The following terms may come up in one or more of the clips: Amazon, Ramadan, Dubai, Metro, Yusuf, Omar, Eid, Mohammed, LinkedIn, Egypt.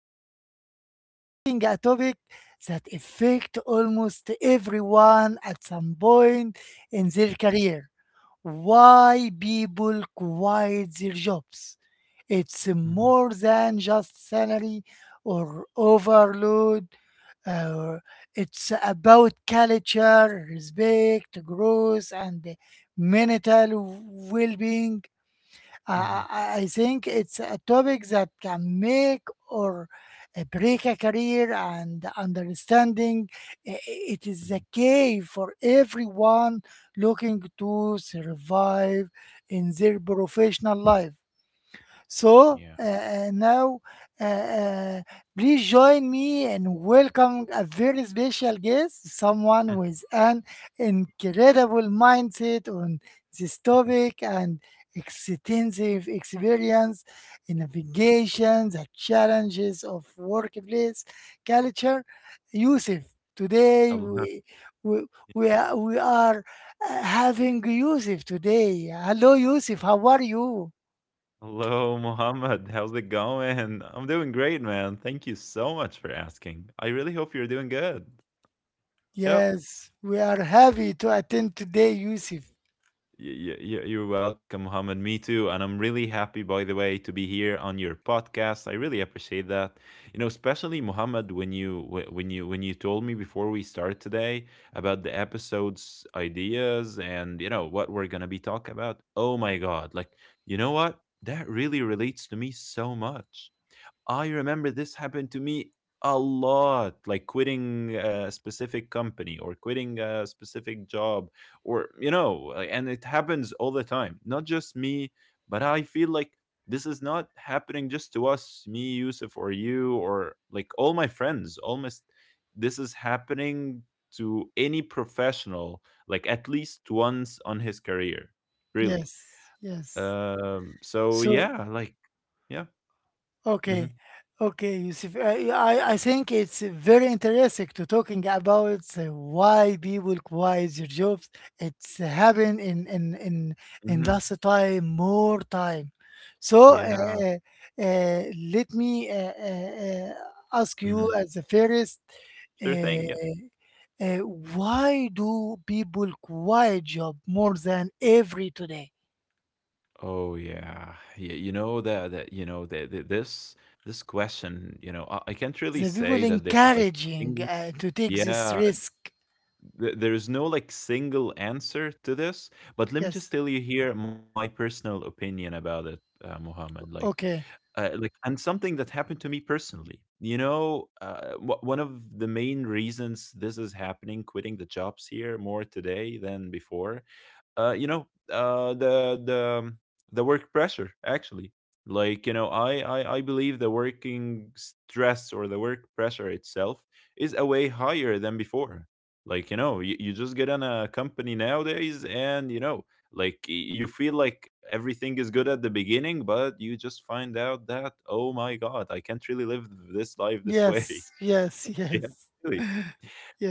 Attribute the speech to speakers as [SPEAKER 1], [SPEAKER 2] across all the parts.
[SPEAKER 1] Today, we are talking a topic that affects almost everyone at some point in their
[SPEAKER 2] Mhm,
[SPEAKER 1] career, why people quit their jobs. It's
[SPEAKER 2] mhm,
[SPEAKER 1] more than just salary or overload. Uh, it's about culture, respect, growth, and mental well being.
[SPEAKER 2] mhm,
[SPEAKER 1] I think it's a topic that can make or break a career, and understanding i- it is
[SPEAKER 2] mhm.
[SPEAKER 1] the key for everyone looking to survive in their professional life. So
[SPEAKER 2] Yeah.
[SPEAKER 1] uh, uh, now, uh, uh, Please join me in welcoming a very special guest, someone with an incredible mindset on this topic and extensive experience in navigation, the challenges of workplace culture. Yusuf, today
[SPEAKER 2] Hello,
[SPEAKER 1] we, we are having Yusuf today. Hello, Yusuf, how are you?
[SPEAKER 2] hello, Mohammed. How's it going? I'm doing great, man. Thank you so much for asking. I really hope you're doing good. Yep.
[SPEAKER 1] Yes, we are happy to attend today, Yusuf.
[SPEAKER 2] You're welcome, Mohammed. Me too. And I'm really happy, by the way, to be here on your podcast. I really appreciate that. You know, especially Mohammed, when you wh- when you told me before we start today about the episodes ideas and what we're gonna be talking about. Oh my God! Like, you know what? That really relates to me so much. I remember this happened to me a lot, like quitting a specific company or quitting a specific job, or, like, and it happens all the time. Not just me, but I feel like this is not happening just to us, me, Yusuf, or you, or like all my friends. Almost this is happening to any professional, like at least once on his career, really.
[SPEAKER 1] Yes, yes.
[SPEAKER 2] So
[SPEAKER 1] So,
[SPEAKER 2] yeah, like, yeah.
[SPEAKER 1] okay,
[SPEAKER 2] hmm
[SPEAKER 1] okay, Yusuf. I think it's very interesting to talking about why people quit their jobs. It's happened in
[SPEAKER 2] hmm.
[SPEAKER 1] last time more time. So
[SPEAKER 2] Yeah.
[SPEAKER 1] uh, uh, uh, Let me ask you
[SPEAKER 2] Mhm.
[SPEAKER 1] as the first,
[SPEAKER 2] Sure thing. Yep.
[SPEAKER 1] uh, uh, why do people quit job more than every today?
[SPEAKER 2] Oh yeah, yeah. You know that that you know that, that this question. You know, I can't really
[SPEAKER 1] The people
[SPEAKER 2] say that there's like a
[SPEAKER 1] encouraging
[SPEAKER 2] single.
[SPEAKER 1] to take this
[SPEAKER 2] Yeah,
[SPEAKER 1] risk.
[SPEAKER 2] there is no like single answer to this. But let me just
[SPEAKER 1] Yes.
[SPEAKER 2] tell you here my personal opinion about it, Muhammad.
[SPEAKER 1] Okay.
[SPEAKER 2] Like and something that happened to me personally, you know, one of the main reasons this is happening, quitting the jobs here more today than before, you know, uh, the work pressure actually. Like you know, I believe the working stress or the work pressure itself is a way higher than before. Like you know, you just get on a company nowadays, and you know, like you feel like everything is good at the beginning, but you just find out that oh my god, I can't really live this life this way.
[SPEAKER 1] Yes. Yes.
[SPEAKER 2] yeah,
[SPEAKER 1] Yes.
[SPEAKER 2] really.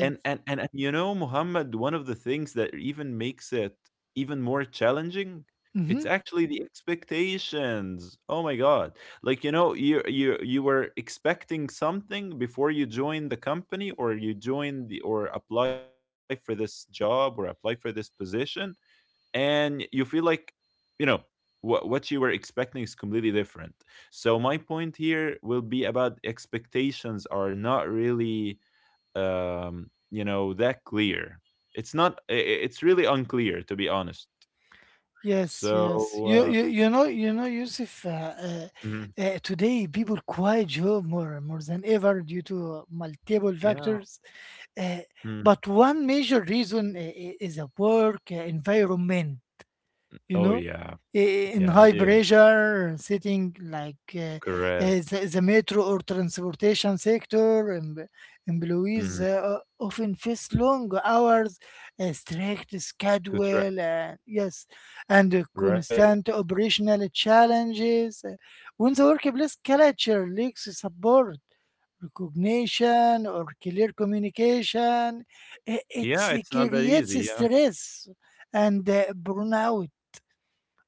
[SPEAKER 2] And you know, Muhammad, one of the things that even makes it even more challenging,
[SPEAKER 1] Mm-hmm.
[SPEAKER 2] it's actually the expectations. Oh my God. Like, you know, you were expecting something before you joined the company or you joined the or apply for this job or apply for this position, and you feel like, you know, what you were expecting is completely different. So my point here will be about expectations are not really you know, that clear. It's not. It's really unclear, to be honest.
[SPEAKER 1] Yes. Yes.
[SPEAKER 2] So, uh,
[SPEAKER 1] You know, Yusuf.
[SPEAKER 2] mhm,
[SPEAKER 1] Today, people quite job more more than ever due to multiple
[SPEAKER 2] yeah.
[SPEAKER 1] factors. Uh,
[SPEAKER 2] Mm.
[SPEAKER 1] but one major reason is a work environment. You
[SPEAKER 2] Oh,
[SPEAKER 1] know,
[SPEAKER 2] yeah.
[SPEAKER 1] in
[SPEAKER 2] Yeah, it
[SPEAKER 1] high
[SPEAKER 2] is.
[SPEAKER 1] pressure, sitting like
[SPEAKER 2] Correct.
[SPEAKER 1] the metro or transportation sector, employees
[SPEAKER 2] Hmm.
[SPEAKER 1] often face long hours, a strict
[SPEAKER 2] To try.
[SPEAKER 1] schedule, yes, and
[SPEAKER 2] Right.
[SPEAKER 1] constant operational challenges. When the workplace culture lacks support, recognition, or clear communication, it
[SPEAKER 2] Yeah, it's not that
[SPEAKER 1] creates
[SPEAKER 2] easy. Yeah.
[SPEAKER 1] stress and burnout.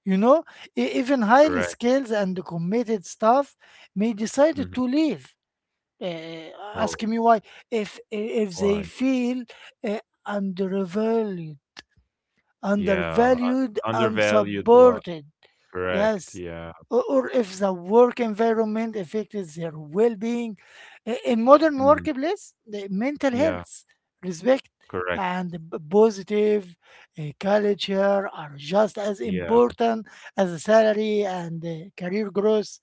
[SPEAKER 1] You know, even
[SPEAKER 2] Correct.
[SPEAKER 1] highly skilled and committed staff may
[SPEAKER 2] Hmm.
[SPEAKER 1] decide to leave. Uh, ask
[SPEAKER 2] Oh,
[SPEAKER 1] me why. If they
[SPEAKER 2] why?
[SPEAKER 1] feel uh, undervalued,
[SPEAKER 2] Yeah.
[SPEAKER 1] undervalued,
[SPEAKER 2] Undervalued a lot.
[SPEAKER 1] unsupported.
[SPEAKER 2] Correct.
[SPEAKER 1] Yes.
[SPEAKER 2] Yeah.
[SPEAKER 1] Or if the work environment affects their well being. In modern
[SPEAKER 2] Mhm.
[SPEAKER 1] workplace, the mental
[SPEAKER 2] Yeah.
[SPEAKER 1] health, respect,
[SPEAKER 2] Correct.
[SPEAKER 1] and positive culture are just as
[SPEAKER 2] Yeah.
[SPEAKER 1] important as the salary and career growth.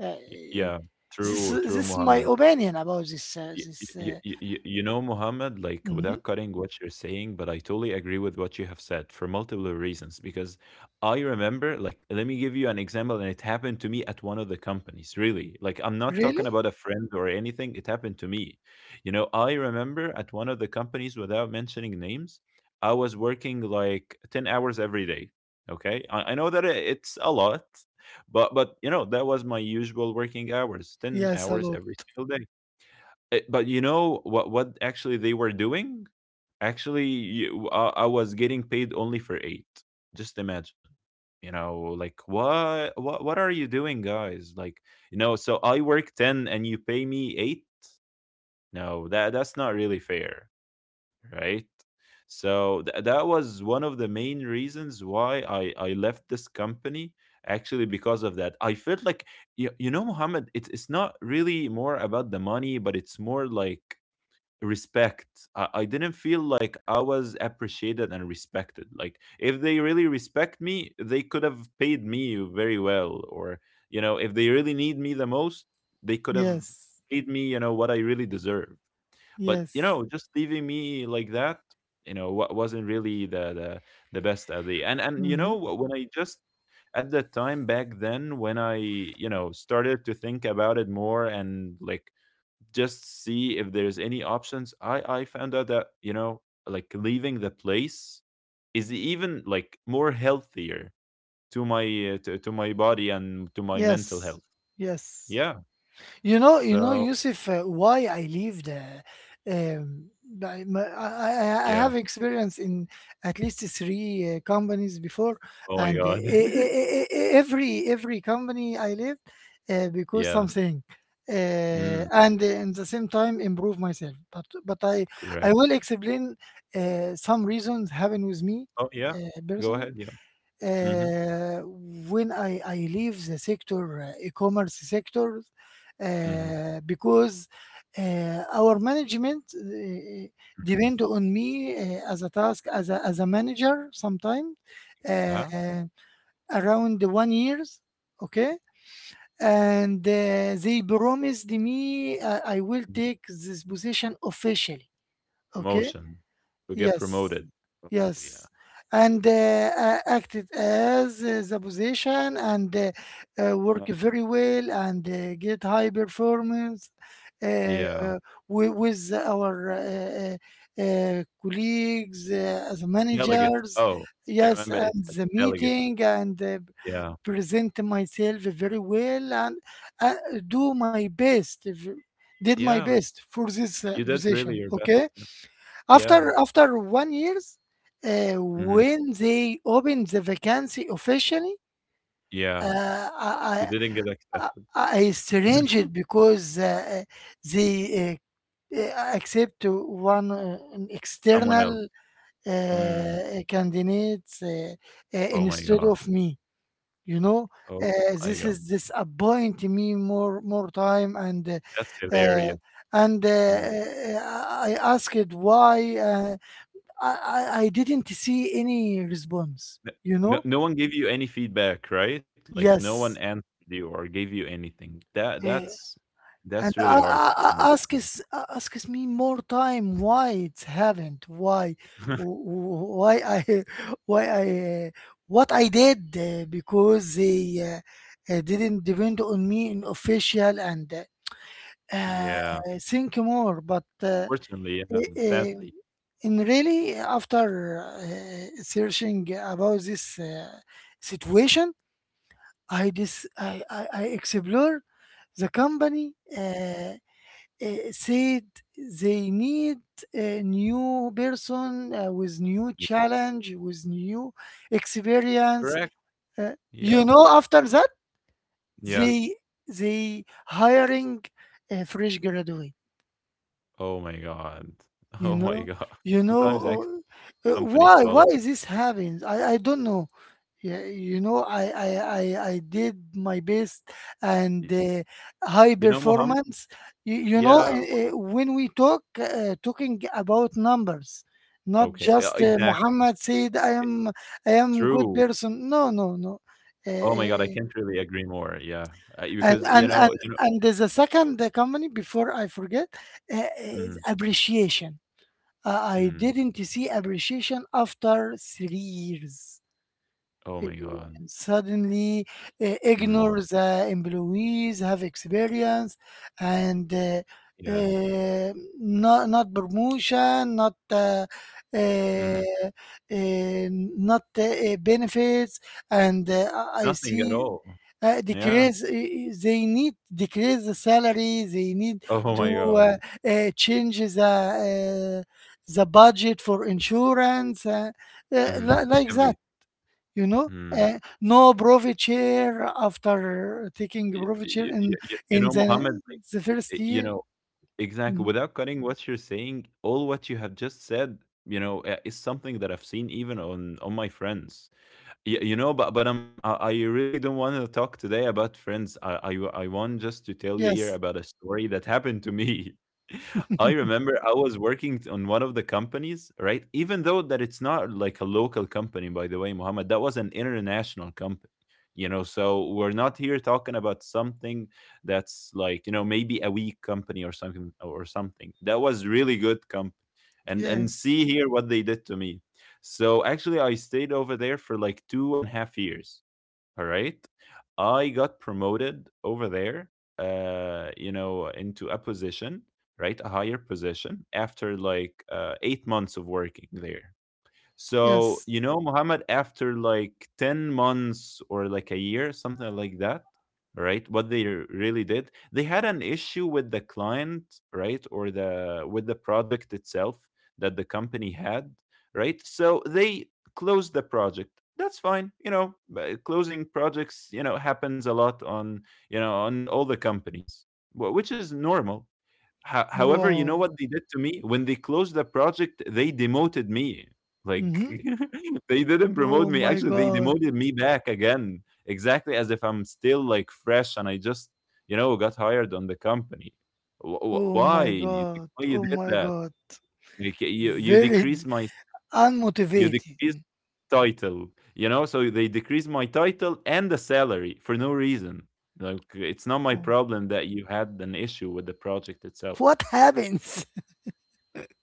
[SPEAKER 1] Uh,
[SPEAKER 2] Yeah.
[SPEAKER 1] this,
[SPEAKER 2] True.
[SPEAKER 1] this
[SPEAKER 2] True,
[SPEAKER 1] is my
[SPEAKER 2] Muhammad.
[SPEAKER 1] opinion about this.
[SPEAKER 2] Y-
[SPEAKER 1] This
[SPEAKER 2] y- y- y- you know, Mohammed, like
[SPEAKER 1] mhm.
[SPEAKER 2] without cutting what you're saying, but I totally agree with what you have said for multiple reasons. Because I remember, like, let me give you an example, and it happened to me at one of the companies, really. Like, I'm not
[SPEAKER 1] Really?
[SPEAKER 2] talking about a friend or anything, it happened to me. You know, I remember at one of the companies, without mentioning names, I was working like 10 hours every day. Okay. I know that it's a lot, but, you know, that was my usual working hours, 10
[SPEAKER 1] Yes, a
[SPEAKER 2] hours
[SPEAKER 1] lot.
[SPEAKER 2] every single day. Eh, but you know what actually they were doing? Actually, I was getting paid only for 8. Just imagine. You know, like what are you doing guys? Like, you know, so I work 10 and you pay me 8? No, that's not really fair, right? So that was one of the main reasons why I left this company, actually because of that. I felt like you know, Muhammad, it's not really more about the money, but it's more like respect. I didn't feel like I was appreciated and respected. Like if they really respect me, they could have paid me very well. Or, you know, if they really need me the most, they could have
[SPEAKER 1] Yes.
[SPEAKER 2] paid me, you know, what I really deserve. But, you
[SPEAKER 1] Yes.
[SPEAKER 2] know, just leaving me like that, you know, what wasn't really the best idea. And you
[SPEAKER 1] Hmm.
[SPEAKER 2] know, when I just at that time back then when I, you know, started to think about it more and like just see if there's any options. I found out that you know like leaving the place is even like more healthier to my to my body and to my mental
[SPEAKER 1] Yes.
[SPEAKER 2] health.
[SPEAKER 1] Yes.
[SPEAKER 2] Yeah.
[SPEAKER 1] You know,
[SPEAKER 2] So
[SPEAKER 1] Yusuf, why I leave the. Um, I, my- I
[SPEAKER 2] yeah.
[SPEAKER 1] have experience in at least three companies before,
[SPEAKER 2] Oh my
[SPEAKER 1] and e-
[SPEAKER 2] god.
[SPEAKER 1] e- e- e- e, every company I left because
[SPEAKER 2] yeah.
[SPEAKER 1] something,
[SPEAKER 2] Mm,
[SPEAKER 1] and in the same time improve myself. But I I
[SPEAKER 2] correct.
[SPEAKER 1] will explain some reasons happened with me
[SPEAKER 2] Oh yeah. Go
[SPEAKER 1] personally
[SPEAKER 2] ahead. Yeah. Mhm.
[SPEAKER 1] uh, when I leave the sector, e-commerce sector,
[SPEAKER 2] Mhm.
[SPEAKER 1] because our management
[SPEAKER 2] Mhm.
[SPEAKER 1] depend on me as a task, as a manager sometime, uh,
[SPEAKER 2] Huh?
[SPEAKER 1] around the 1 year, okay? And they promised me I will
[SPEAKER 2] Y-
[SPEAKER 1] take this position officially, okay?
[SPEAKER 2] Promotion. You get
[SPEAKER 1] Yes,
[SPEAKER 2] promoted. Oh yeah.
[SPEAKER 1] yes, and acted as the position and work
[SPEAKER 2] Manage-
[SPEAKER 1] very well and get high performance uh,
[SPEAKER 2] Yeah.
[SPEAKER 1] with our colleagues, the
[SPEAKER 2] Delegate.
[SPEAKER 1] managers.
[SPEAKER 2] Oh, I
[SPEAKER 1] Yes,
[SPEAKER 2] remember it's
[SPEAKER 1] and
[SPEAKER 2] like
[SPEAKER 1] the
[SPEAKER 2] delegate.
[SPEAKER 1] meeting and
[SPEAKER 2] Yeah.
[SPEAKER 1] present myself very well and uh, do my best. V- Did my
[SPEAKER 2] Yeah.
[SPEAKER 1] best for this
[SPEAKER 2] You did
[SPEAKER 1] position.
[SPEAKER 2] really your best.
[SPEAKER 1] Okay. After
[SPEAKER 2] Yeah.
[SPEAKER 1] after 1 year,
[SPEAKER 2] Mhm.
[SPEAKER 1] when they opened the vacancy officially,
[SPEAKER 2] Yeah.
[SPEAKER 1] uh, I,
[SPEAKER 2] You
[SPEAKER 1] I
[SPEAKER 2] didn't get
[SPEAKER 1] I
[SPEAKER 2] accepted.
[SPEAKER 1] I strange because they accept to one an
[SPEAKER 2] Someone else.
[SPEAKER 1] external
[SPEAKER 2] Mm.
[SPEAKER 1] candidate
[SPEAKER 2] Oh my
[SPEAKER 1] instead
[SPEAKER 2] god.
[SPEAKER 1] of me. You know,
[SPEAKER 2] Oh my
[SPEAKER 1] this
[SPEAKER 2] god.
[SPEAKER 1] is disappoint me more more time and.
[SPEAKER 2] That's
[SPEAKER 1] Uh, uh,
[SPEAKER 2] hilarious.
[SPEAKER 1] and uh,
[SPEAKER 2] Mm.
[SPEAKER 1] uh, I asked why. I didn't see any response,
[SPEAKER 2] N-
[SPEAKER 1] you
[SPEAKER 2] No,
[SPEAKER 1] know?
[SPEAKER 2] no one gave you any feedback, right? Like no one
[SPEAKER 1] Yes.
[SPEAKER 2] answered you or gave you anything. That
[SPEAKER 1] eh,
[SPEAKER 2] that's
[SPEAKER 1] and
[SPEAKER 2] really hard to do.
[SPEAKER 1] I ask is asks me more time why it haven't why why I why I uh, what I did because they uh, didn't depend on me in official and uh, uh,
[SPEAKER 2] yeah.
[SPEAKER 1] think more but
[SPEAKER 2] Fortunately, yeah.
[SPEAKER 1] uh,
[SPEAKER 2] Sadly.
[SPEAKER 1] in really after searching about this situation I dis I explore the company said they need a new person with
[SPEAKER 2] Yeah.
[SPEAKER 1] new challenge with new experience.
[SPEAKER 2] Correct.
[SPEAKER 1] Uh,
[SPEAKER 2] Yeah.
[SPEAKER 1] you know, after that
[SPEAKER 2] Yeah.
[SPEAKER 1] they they hiring a fresh graduate.
[SPEAKER 2] Oh my god. Oh
[SPEAKER 1] You
[SPEAKER 2] my
[SPEAKER 1] know,
[SPEAKER 2] god.
[SPEAKER 1] you
[SPEAKER 2] Sometimes actually
[SPEAKER 1] know
[SPEAKER 2] companies policy.
[SPEAKER 1] why is this
[SPEAKER 2] Like,
[SPEAKER 1] happens? I don't know. Yeah, you know, I did my best
[SPEAKER 2] y-
[SPEAKER 1] and high
[SPEAKER 2] you know, Mohammed.
[SPEAKER 1] performance. You know,
[SPEAKER 2] Yeah.
[SPEAKER 1] when we talk talking about numbers, not
[SPEAKER 2] Okay.
[SPEAKER 1] just
[SPEAKER 2] Exact
[SPEAKER 1] Muhammad said
[SPEAKER 2] e,
[SPEAKER 1] I am good
[SPEAKER 2] true.
[SPEAKER 1] person. No, no, no. Uh,
[SPEAKER 2] Oh my god, I
[SPEAKER 1] uh,
[SPEAKER 2] can't really agree more, yeah.
[SPEAKER 1] and
[SPEAKER 2] Because,
[SPEAKER 1] and and
[SPEAKER 2] you know.
[SPEAKER 1] and there's a second company before I forget uh, uh,
[SPEAKER 2] Mhm,
[SPEAKER 1] appreciation. Uh, I
[SPEAKER 2] mhm.
[SPEAKER 1] didn't see appreciation after 3 years
[SPEAKER 2] Oh my god.
[SPEAKER 1] and suddenly
[SPEAKER 2] Mm,
[SPEAKER 1] ignore the employees have experience and
[SPEAKER 2] yeah.
[SPEAKER 1] uh, not promotion not uh,
[SPEAKER 2] Mhm.
[SPEAKER 1] uh, not benefits and I
[SPEAKER 2] Nothing
[SPEAKER 1] see
[SPEAKER 2] at all. Yeah.
[SPEAKER 1] decrease they need decrease the salary they need
[SPEAKER 2] Oh
[SPEAKER 1] to
[SPEAKER 2] my
[SPEAKER 1] uh,
[SPEAKER 2] god.
[SPEAKER 1] change uh, the budget for insurance
[SPEAKER 2] Mhm.
[SPEAKER 1] like that,
[SPEAKER 2] Everything.
[SPEAKER 1] you know,
[SPEAKER 2] Mm.
[SPEAKER 1] no chair after taking
[SPEAKER 2] Y
[SPEAKER 1] chair
[SPEAKER 2] y you
[SPEAKER 1] in
[SPEAKER 2] know, Mohammed, like,
[SPEAKER 1] the first
[SPEAKER 2] y you
[SPEAKER 1] year.
[SPEAKER 2] know exactly.
[SPEAKER 1] Mhm.
[SPEAKER 2] Without cutting what you're saying, all what you have just said, you know, is something that I've seen even on my friends. You know, but I really don't want to talk today about friends. I want just to tell you here
[SPEAKER 1] Yes.
[SPEAKER 2] about a story that happened to me. I remember I was working on one of the companies, right? Even though that it's not like a local company, by the way, Muhammad, that was an international company. You know, so we're not here talking about something that's like, you know, maybe a weak company or something, or something that was really good company. And
[SPEAKER 1] Yes,
[SPEAKER 2] see here what they did to me. So actually, I stayed over there for like 2.5 years. All right. I got promoted over there, you know, into a position, right? A higher position after like 8 months of working there. So,
[SPEAKER 1] yes.
[SPEAKER 2] you know, Muhammad, after like 10 months or like a year, something like that, right? What they really did, they had an issue with the client, right? Or the with the project itself that the company had, right? So they closed the project. That's fine, you know, closing projects, you know, happens a lot on, you know, on all the companies, which is normal. Ho However, you know
[SPEAKER 1] Wow.
[SPEAKER 2] what they did to me? When they closed the project, they demoted me. Like,
[SPEAKER 1] Hmm.
[SPEAKER 2] they didn't promote
[SPEAKER 1] Oh
[SPEAKER 2] me.
[SPEAKER 1] my
[SPEAKER 2] Actually, they
[SPEAKER 1] god.
[SPEAKER 2] demoted me back again, exactly as if I'm still like fresh and I just, you know, got hired on the company.
[SPEAKER 1] Oh
[SPEAKER 2] Why?
[SPEAKER 1] my
[SPEAKER 2] Like,
[SPEAKER 1] god.
[SPEAKER 2] why you
[SPEAKER 1] Oh
[SPEAKER 2] did
[SPEAKER 1] my
[SPEAKER 2] that?
[SPEAKER 1] god.
[SPEAKER 2] Like, you
[SPEAKER 1] very d-
[SPEAKER 2] decreased my, you
[SPEAKER 1] unmotivated.
[SPEAKER 2] decreased title, you know. So they decreased my title and the salary for no reason. Like, it's not my
[SPEAKER 1] Oh,
[SPEAKER 2] problem that you had an issue with the project itself.
[SPEAKER 1] what happens?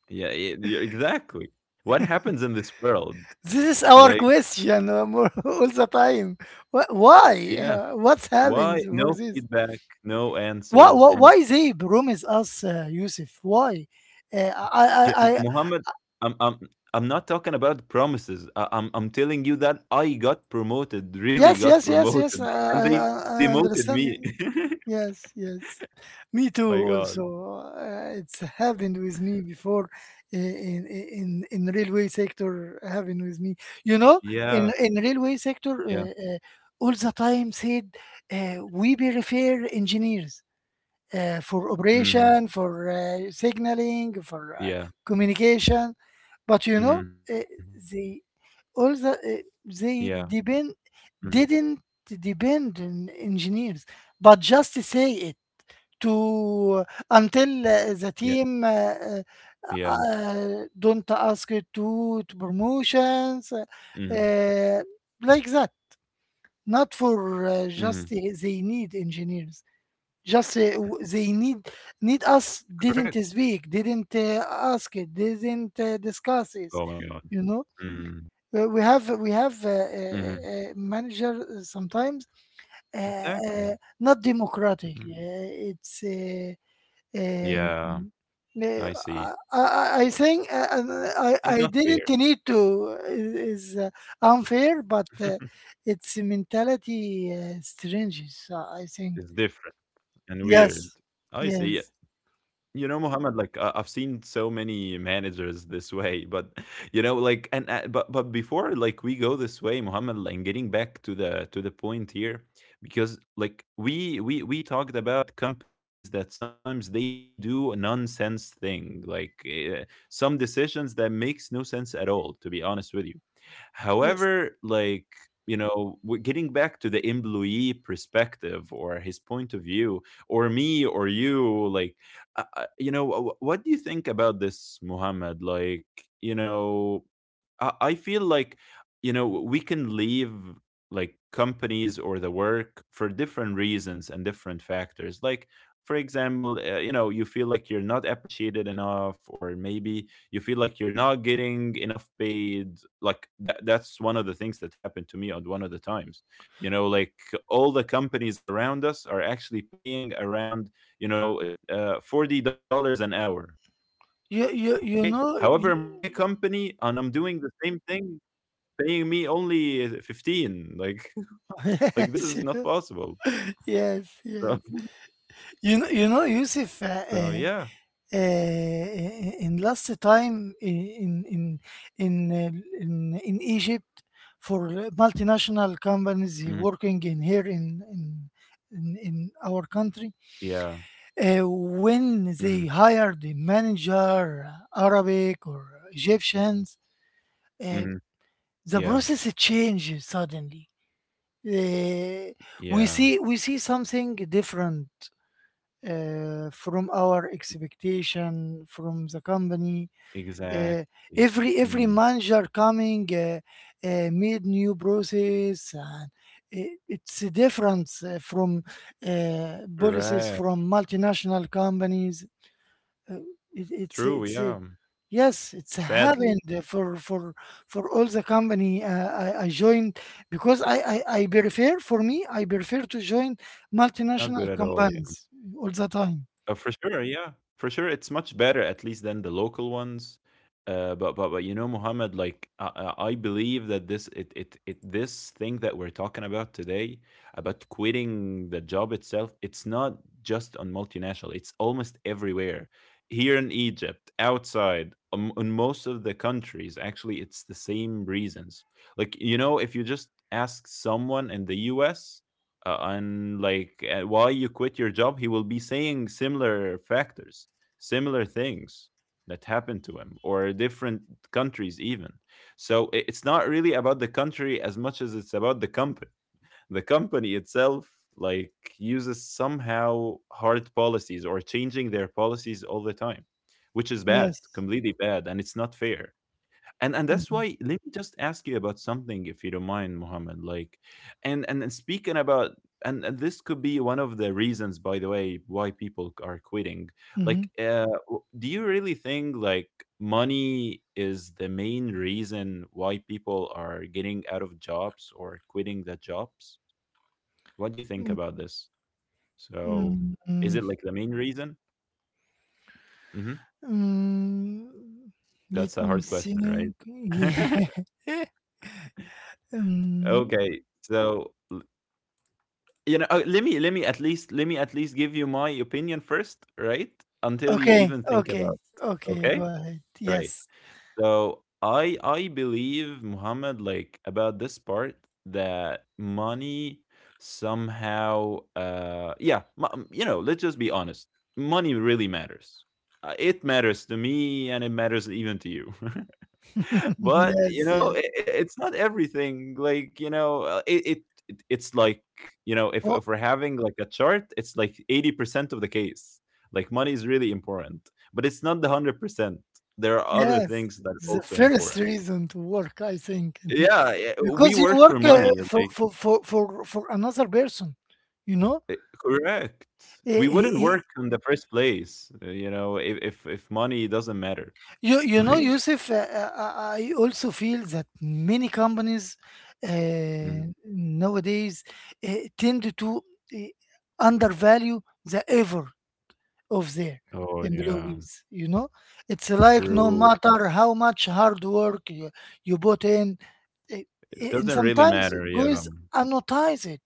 [SPEAKER 2] Yeah, yeah, yeah, exactly. What happens in this world?
[SPEAKER 1] This is our
[SPEAKER 2] Like,
[SPEAKER 1] question, all the time. Why?
[SPEAKER 2] yeah,
[SPEAKER 1] What's
[SPEAKER 2] why
[SPEAKER 1] happens for
[SPEAKER 2] no
[SPEAKER 1] this?
[SPEAKER 2] feedback, no answers, and
[SPEAKER 1] Why they promise us, Yusuf? Why? Uh, I, I,
[SPEAKER 2] yeah,
[SPEAKER 1] I,
[SPEAKER 2] Muhammad, I'm I'm I'm not talking about promises. I'm telling you that I got promoted, really
[SPEAKER 1] yes,
[SPEAKER 2] got
[SPEAKER 1] yes, yes, yes.
[SPEAKER 2] promoted, and they
[SPEAKER 1] I
[SPEAKER 2] demoted me.
[SPEAKER 1] understand you. Yes, yes. Me
[SPEAKER 2] My
[SPEAKER 1] too.
[SPEAKER 2] God.
[SPEAKER 1] Also, it's happened with me before in railway sector. Happened with me. You know,
[SPEAKER 2] Yeah,
[SPEAKER 1] in railway sector,
[SPEAKER 2] yeah.
[SPEAKER 1] all the time said we prefer engineers. Uh, for
[SPEAKER 2] Mm-hmm.
[SPEAKER 1] operation, for signaling, for
[SPEAKER 2] Yeah.
[SPEAKER 1] communication. But you
[SPEAKER 2] Mm-hmm.
[SPEAKER 1] know, uh, they
[SPEAKER 2] Yeah.
[SPEAKER 1] all the
[SPEAKER 2] Mm-hmm.
[SPEAKER 1] they depend didn't depend on engineers, but just say it to
[SPEAKER 2] Yeah.
[SPEAKER 1] until the team
[SPEAKER 2] Yeah.
[SPEAKER 1] don't ask it to promotions
[SPEAKER 2] Mm-hmm.
[SPEAKER 1] uh, like that. Not for
[SPEAKER 2] Mm-hmm.
[SPEAKER 1] just they need engineers just they need need us
[SPEAKER 2] Correct.
[SPEAKER 1] didn't speak didn't ask it didn't discuss
[SPEAKER 2] Oh my
[SPEAKER 1] it,
[SPEAKER 2] God.
[SPEAKER 1] you know.
[SPEAKER 2] Mm-hmm.
[SPEAKER 1] We have
[SPEAKER 2] Mm-hmm,
[SPEAKER 1] manager sometimes
[SPEAKER 2] exactly.
[SPEAKER 1] not democratic
[SPEAKER 2] Mhm.
[SPEAKER 1] it's uh,
[SPEAKER 2] Yeah.
[SPEAKER 1] uh,
[SPEAKER 2] I see.
[SPEAKER 1] I, I I think and
[SPEAKER 2] It's not
[SPEAKER 1] I
[SPEAKER 2] fair.
[SPEAKER 1] didn't need to uh, is unfair but it's mentality strange. So I think,
[SPEAKER 2] it's different and weird.
[SPEAKER 1] yes,
[SPEAKER 2] I see.
[SPEAKER 1] yes.
[SPEAKER 2] You know, Mohammed, like I've seen so many managers this way, but you know, like and but before like we go this way, Mohammed, and getting back to the point here, because like we talked about companies that sometimes they do a nonsense thing, like some decisions that makes no sense at all. To be honest with you,
[SPEAKER 1] Yes.
[SPEAKER 2] however, like, you know, getting back to the employee perspective or his point of view, or me or you, like, you know, what do you think about this, Muhammad? Like, you know, I feel like, you know, we can leave like companies or the work for different reasons and different factors. Like, for example, you know, you feel like you're not appreciated enough, or maybe you feel like you're not getting enough paid. Like that, that's one of the things that happened to me at one of the times. You know, like all the companies around us are actually paying around, $40 an hour. Okay.
[SPEAKER 1] You
[SPEAKER 2] However,
[SPEAKER 1] you
[SPEAKER 2] my
[SPEAKER 1] you know
[SPEAKER 2] company,
[SPEAKER 1] you,
[SPEAKER 2] and I'm doing the same thing paying me only 15, like like this is not possible.
[SPEAKER 1] yes,
[SPEAKER 2] So,
[SPEAKER 1] yes, yes. You know, you know,
[SPEAKER 2] so
[SPEAKER 1] Yusuf,
[SPEAKER 2] yeah.
[SPEAKER 1] in last time in uh, in Egypt for multinational
[SPEAKER 2] Mhm.
[SPEAKER 1] companies working in here in in our
[SPEAKER 2] Yeah.
[SPEAKER 1] country
[SPEAKER 2] Hmm.
[SPEAKER 1] when they hired the manager Arabic or Egyptians,
[SPEAKER 2] Hmm.
[SPEAKER 1] uh,
[SPEAKER 2] Yeah.
[SPEAKER 1] the process changed suddenly. Uh,
[SPEAKER 2] Yeah.
[SPEAKER 1] we see something different from our expectation from the company. Uh,
[SPEAKER 2] Exactly. Mm.
[SPEAKER 1] every manager coming made new process and it's a difference from policies
[SPEAKER 2] Correct.
[SPEAKER 1] from multinational companies uh, it,
[SPEAKER 2] True,
[SPEAKER 1] it's
[SPEAKER 2] yeah.
[SPEAKER 1] yes, it's
[SPEAKER 2] Sadly.
[SPEAKER 1] happened for all the company I joined because I prefer for me I prefer to join
[SPEAKER 2] Not good
[SPEAKER 1] multinational
[SPEAKER 2] at all.
[SPEAKER 1] companies all the time.
[SPEAKER 2] For sure, yeah, for sure, it's much better at least than the local ones. But you know, Muhammad, I believe that this it, it it this thing that we're talking about today about quitting the job itself, it's not just on multinational. It's almost everywhere. Here in Egypt, outside, in most of the countries, actually, it's the same reasons. Like you know, if you just ask someone in the U.S and why you quit your job, he will be saying similar factors, similar things that happened to him, or different countries even. So it's not really about the country as much as it's about the company, the company itself, like uses somehow hard policies or changing their policies all the time, which is bad,
[SPEAKER 1] Yes.
[SPEAKER 2] completely bad, and it's not fair. And that's
[SPEAKER 1] Mm-hmm.
[SPEAKER 2] why, let me just ask you about something, if you don't mind, Mohammed. Like and speaking about and this could be one of the reasons, by the way, why people are quitting. Like,
[SPEAKER 1] Mm,
[SPEAKER 2] do you really think like money is the main reason why people are getting out of jobs or quitting the jobs? What do you think
[SPEAKER 1] mm,
[SPEAKER 2] about this? So, is it
[SPEAKER 1] mm,
[SPEAKER 2] like the main reason? Hmm.
[SPEAKER 1] mm.
[SPEAKER 2] That's
[SPEAKER 1] Let
[SPEAKER 2] a
[SPEAKER 1] me
[SPEAKER 2] hard question, right?
[SPEAKER 1] think. Yeah.
[SPEAKER 2] Okay,
[SPEAKER 1] Mm.
[SPEAKER 2] so let me at least give you my opinion first, right? Until you
[SPEAKER 1] Okay,
[SPEAKER 2] even think about
[SPEAKER 1] okay,
[SPEAKER 2] it,
[SPEAKER 1] okay,
[SPEAKER 2] okay?
[SPEAKER 1] go ahead.
[SPEAKER 2] Right.
[SPEAKER 1] Yes,
[SPEAKER 2] So I believe Muhammad, like about this part, that money somehow you know, let's just be honest. Money really matters. It matters to me and it matters even to you. But
[SPEAKER 1] yes, yes.
[SPEAKER 2] it's not everything, like you know, it's like, you know, if
[SPEAKER 1] Wha-
[SPEAKER 2] we're having like a chart, it's like 80% of the case. Like money is really important, but it's not the 100%. There are other
[SPEAKER 1] Yes,
[SPEAKER 2] things that are
[SPEAKER 1] the
[SPEAKER 2] also
[SPEAKER 1] first
[SPEAKER 2] important.
[SPEAKER 1] reason to work, I think,
[SPEAKER 2] Yeah. Yeah, we
[SPEAKER 1] because you
[SPEAKER 2] work for
[SPEAKER 1] work uh,
[SPEAKER 2] money,
[SPEAKER 1] for,
[SPEAKER 2] like
[SPEAKER 1] for for for for another person, you know.
[SPEAKER 2] eh, correct, we
[SPEAKER 1] Eh, he-
[SPEAKER 2] wouldn't
[SPEAKER 1] he-
[SPEAKER 2] work in the first place, you know, if if money doesn't matter.
[SPEAKER 1] you you know,
[SPEAKER 2] Like
[SPEAKER 1] Yusuf. I also feel that many companies
[SPEAKER 2] Mm.
[SPEAKER 1] nowadays tend to uh, undervalue the effort of their
[SPEAKER 2] Oh yeah.
[SPEAKER 1] employees. You know, it's like no
[SPEAKER 2] True.
[SPEAKER 1] matter how much hard work you put in, it,
[SPEAKER 2] It
[SPEAKER 1] and
[SPEAKER 2] doesn't really
[SPEAKER 1] sometimes
[SPEAKER 2] matter, yeah.
[SPEAKER 1] guys goes it,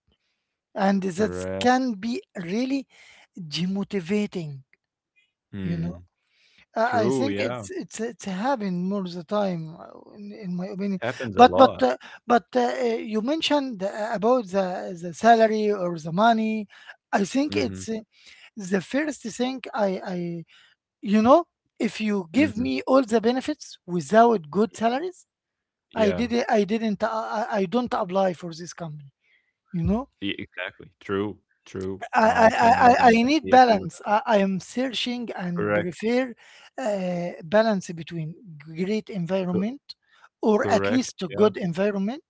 [SPEAKER 1] and that
[SPEAKER 2] Correct.
[SPEAKER 1] can be really demotivating. You know,
[SPEAKER 2] Mm.
[SPEAKER 1] I
[SPEAKER 2] True,
[SPEAKER 1] think
[SPEAKER 2] yeah.
[SPEAKER 1] it's happened more the time, in my opinion.
[SPEAKER 2] Happens a
[SPEAKER 1] But but
[SPEAKER 2] lot.
[SPEAKER 1] uh, you mentioned about the salary or the money. I think
[SPEAKER 2] Mhm.
[SPEAKER 1] it's the first thing I you know, if you give
[SPEAKER 2] Mhm.
[SPEAKER 1] me all the benefits without good salaries, I
[SPEAKER 2] Yeah.
[SPEAKER 1] did I didn't I don't apply for this company. You know.
[SPEAKER 2] E exactly. True, true. I can
[SPEAKER 1] I need
[SPEAKER 2] definitely agree with
[SPEAKER 1] balance.
[SPEAKER 2] that.
[SPEAKER 1] I am searching and
[SPEAKER 2] Correct,
[SPEAKER 1] prefer balance between great
[SPEAKER 2] co
[SPEAKER 1] environment or at
[SPEAKER 2] correct,
[SPEAKER 1] least a
[SPEAKER 2] yeah.
[SPEAKER 1] good environment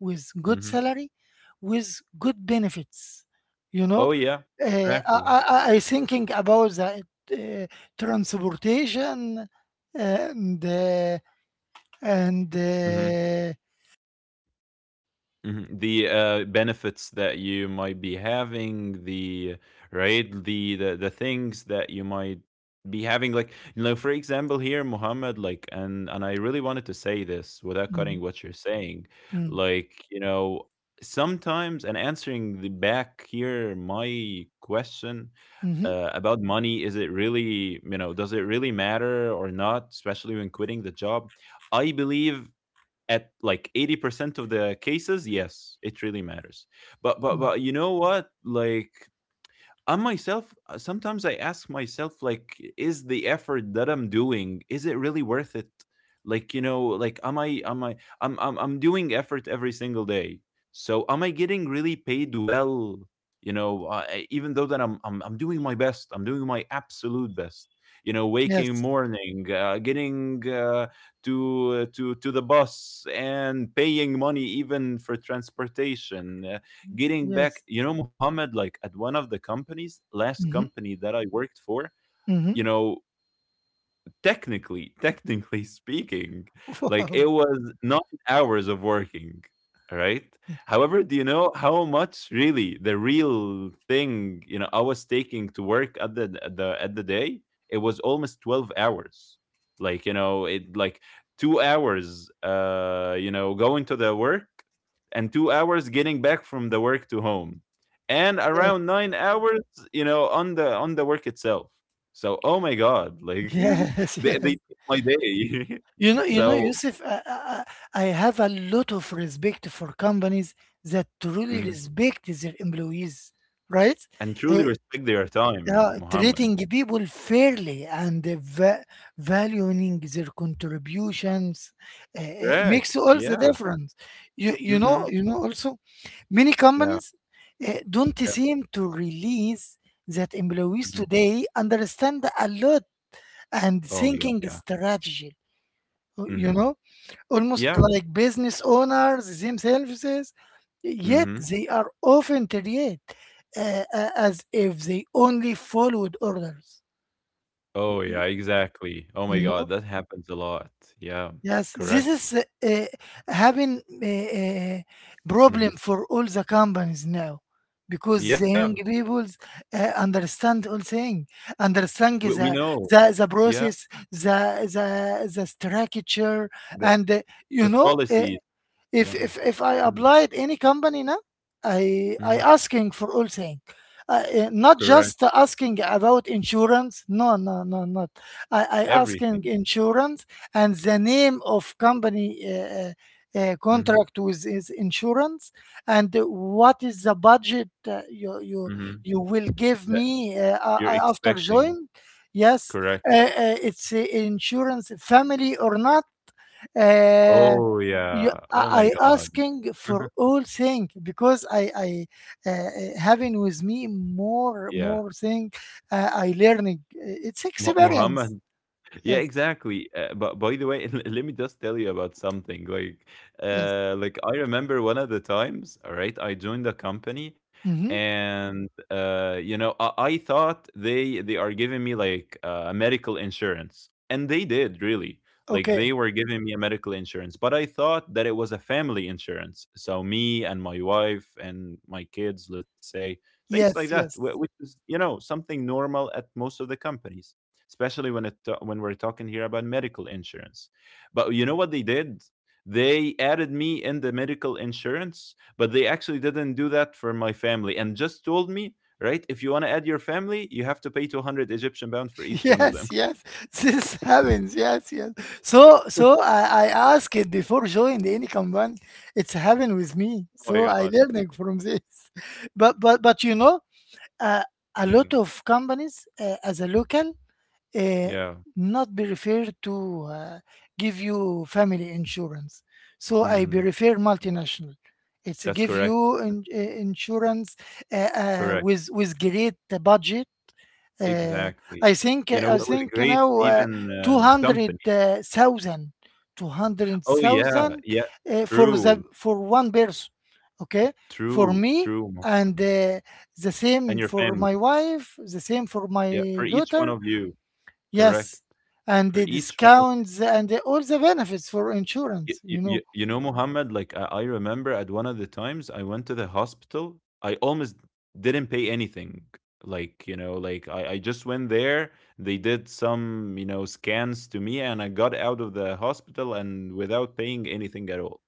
[SPEAKER 1] with good
[SPEAKER 2] Mhm.
[SPEAKER 1] salary, with good benefits. You
[SPEAKER 2] Oh,
[SPEAKER 1] know,
[SPEAKER 2] yeah,
[SPEAKER 1] uh, I,
[SPEAKER 2] exactly.
[SPEAKER 1] I, I thinking about the transportation and and
[SPEAKER 2] Mhm.
[SPEAKER 1] uh,
[SPEAKER 2] Mhm. The benefits that you might be having, the right, the things that you might be having, like you know, for example, here, Muhammad, like, and I really wanted to say this without
[SPEAKER 1] mm,
[SPEAKER 2] cutting what you're saying,
[SPEAKER 1] mm,
[SPEAKER 2] like you know, sometimes, and answering the back here, my question
[SPEAKER 1] mhm,
[SPEAKER 2] about money, is it really, you know, does it really matter or not, especially when quitting the job? I believe at like 80% of the cases yes, it really matters, but
[SPEAKER 1] mm.
[SPEAKER 2] you know what, like I myself, sometimes I ask myself, like, is the effort that I'm doing, is it really worth it? Like, you know, like, am I, I'm doing effort every single day. So, am I getting really paid well? You know, even though that I'm doing my best, I'm doing my absolute best. You know, waking
[SPEAKER 1] Yes,
[SPEAKER 2] morning, getting to to the bus, and paying money even for transportation, getting
[SPEAKER 1] yes.
[SPEAKER 2] back, you know, Muhammad, like at one of the companies, last
[SPEAKER 1] Hmm.
[SPEAKER 2] company that I worked for,
[SPEAKER 1] Hmm.
[SPEAKER 2] you know, technically speaking, like
[SPEAKER 1] Wow.
[SPEAKER 2] it was 9 hours of working, right? However, do you know how much really the real thing, you know, I was taking to work at the at the at the day? It was almost 12 hours. Like, you know, it like 2 hours, you know, going to the work, and 2 hours getting back from the work to home, and
[SPEAKER 1] Yeah.
[SPEAKER 2] around 9 hours, you know, on the work itself. So, oh my God, like
[SPEAKER 1] Yes,
[SPEAKER 2] they
[SPEAKER 1] yes.
[SPEAKER 2] took my day.
[SPEAKER 1] You know,
[SPEAKER 2] So
[SPEAKER 1] Yusuf, I have a lot of respect for companies that truly
[SPEAKER 2] mhm,
[SPEAKER 1] respect their employees, right?
[SPEAKER 2] and truly
[SPEAKER 1] Eh,
[SPEAKER 2] respect their time,
[SPEAKER 1] yeah,
[SPEAKER 2] Muhammad.
[SPEAKER 1] treating people fairly and eh, va valuing their contributions makes
[SPEAKER 2] Correct.
[SPEAKER 1] all the
[SPEAKER 2] Yeah.
[SPEAKER 1] difference.
[SPEAKER 2] Mhm.
[SPEAKER 1] You know, also, many
[SPEAKER 2] Yeah.
[SPEAKER 1] companies don't
[SPEAKER 2] Yeah.
[SPEAKER 1] seem to release that employees
[SPEAKER 2] Mhm.
[SPEAKER 1] today understand a lot and
[SPEAKER 2] Oh my God.
[SPEAKER 1] thinking
[SPEAKER 2] Yeah.
[SPEAKER 1] strategy. You
[SPEAKER 2] Mhm.
[SPEAKER 1] know, almost
[SPEAKER 2] Yeah.
[SPEAKER 1] like business owners themselves, yet
[SPEAKER 2] Mhm.
[SPEAKER 1] they are often treated as if they only followed orders.
[SPEAKER 2] Oh yeah.
[SPEAKER 1] Y-
[SPEAKER 2] Exactly. Oh my
[SPEAKER 1] You
[SPEAKER 2] God.
[SPEAKER 1] know,
[SPEAKER 2] That happens a lot. Yeah.
[SPEAKER 1] yes, this
[SPEAKER 2] Correct.
[SPEAKER 1] is uh, having a, a
[SPEAKER 2] Mhm.
[SPEAKER 1] problem for all the companies now because the
[SPEAKER 2] Yeah.
[SPEAKER 1] young people understand all thing, understand
[SPEAKER 2] We know.
[SPEAKER 1] the
[SPEAKER 2] Yeah.
[SPEAKER 1] process, the, the, the structure,
[SPEAKER 2] The
[SPEAKER 1] and
[SPEAKER 2] the
[SPEAKER 1] you know. Uh,
[SPEAKER 2] policies.
[SPEAKER 1] if
[SPEAKER 2] Yeah.
[SPEAKER 1] if if I
[SPEAKER 2] Mm.
[SPEAKER 1] applied any company now, I
[SPEAKER 2] Mhm.
[SPEAKER 1] asking for all thing, not
[SPEAKER 2] Correct.
[SPEAKER 1] just asking about insurance. No, no, no, not. I asking
[SPEAKER 2] Everything.
[SPEAKER 1] insurance and the name of company.
[SPEAKER 2] Mhm.
[SPEAKER 1] Contract with is insurance and what is the budget uh,
[SPEAKER 2] Mhm.
[SPEAKER 1] you will give
[SPEAKER 2] That
[SPEAKER 1] me
[SPEAKER 2] you're
[SPEAKER 1] after
[SPEAKER 2] expecting.
[SPEAKER 1] join, yes,
[SPEAKER 2] Correct.
[SPEAKER 1] uh, uh, it's insurance family or not, uh,
[SPEAKER 2] Oh yeah. Oh my
[SPEAKER 1] I
[SPEAKER 2] God.
[SPEAKER 1] asking for all thing because I having with me more
[SPEAKER 2] Yeah.
[SPEAKER 1] more thing, I learning. It's
[SPEAKER 2] Mu
[SPEAKER 1] experience.
[SPEAKER 2] Muhammad. Yeah,
[SPEAKER 1] Yes,
[SPEAKER 2] exactly. But by the way, let me just tell you about something.
[SPEAKER 1] yes,
[SPEAKER 2] Like I remember one of the times. All right, I joined a company,
[SPEAKER 1] mm-hmm.
[SPEAKER 2] and you know, I thought they are giving me like medical insurance, and they did really. Like
[SPEAKER 1] Okay,
[SPEAKER 2] they were giving me a medical insurance, but I thought that it was a family insurance. So me and my wife and my kids, let's say, things like
[SPEAKER 1] yes,
[SPEAKER 2] that,
[SPEAKER 1] yes,
[SPEAKER 2] which is, you know, something normal at most of the companies, especially when it when we're talking here about medical insurance. But you know what they did? They added me in the medical insurance, but they actually didn't do that for my family, and just told me, right? If you want to add your family, you have to pay 200 Egyptian pound for each one of them.
[SPEAKER 1] yes, yes. This happens, yes, yes. So so I, I asked it before joining any company. It's happened with me,
[SPEAKER 2] Oh my
[SPEAKER 1] so I
[SPEAKER 2] god.
[SPEAKER 1] learning from this. But you know, uh, a
[SPEAKER 2] Yeah.
[SPEAKER 1] lot of companies, as a local, uh,
[SPEAKER 2] Yeah.
[SPEAKER 1] not be referred to give you family insurance. So I be
[SPEAKER 2] Mm,
[SPEAKER 1] refer multinational. It's
[SPEAKER 2] that's
[SPEAKER 1] give
[SPEAKER 2] correct.
[SPEAKER 1] you in, insurance
[SPEAKER 2] Correct.
[SPEAKER 1] with great budget. Uh,
[SPEAKER 2] Exactly.
[SPEAKER 1] I think
[SPEAKER 2] You know,
[SPEAKER 1] I
[SPEAKER 2] with a
[SPEAKER 1] think you
[SPEAKER 2] great
[SPEAKER 1] know,
[SPEAKER 2] even
[SPEAKER 1] two hundred
[SPEAKER 2] company.
[SPEAKER 1] thousand, two hundred
[SPEAKER 2] Oh yeah,
[SPEAKER 1] thousand
[SPEAKER 2] yeah.
[SPEAKER 1] for the
[SPEAKER 2] True.
[SPEAKER 1] for one person. Okay, for
[SPEAKER 2] True.
[SPEAKER 1] me
[SPEAKER 2] True,
[SPEAKER 1] and
[SPEAKER 2] Mohammed.
[SPEAKER 1] the
[SPEAKER 2] And
[SPEAKER 1] same
[SPEAKER 2] your
[SPEAKER 1] for
[SPEAKER 2] family.
[SPEAKER 1] my wife, the same for
[SPEAKER 2] Yeah, for
[SPEAKER 1] my
[SPEAKER 2] each one
[SPEAKER 1] daughter.
[SPEAKER 2] of you. Correct.
[SPEAKER 1] Yes, and
[SPEAKER 2] For
[SPEAKER 1] the
[SPEAKER 2] each one of
[SPEAKER 1] discounts and the all the benefits for
[SPEAKER 2] you,
[SPEAKER 1] insurance, you know.
[SPEAKER 2] you know, Mohammed, like I remember at one of the times I went to the hospital, I almost didn't pay anything. Like, you know, like I just went there, they did some, you know, scans to me, and I got out of the hospital and without paying anything at all.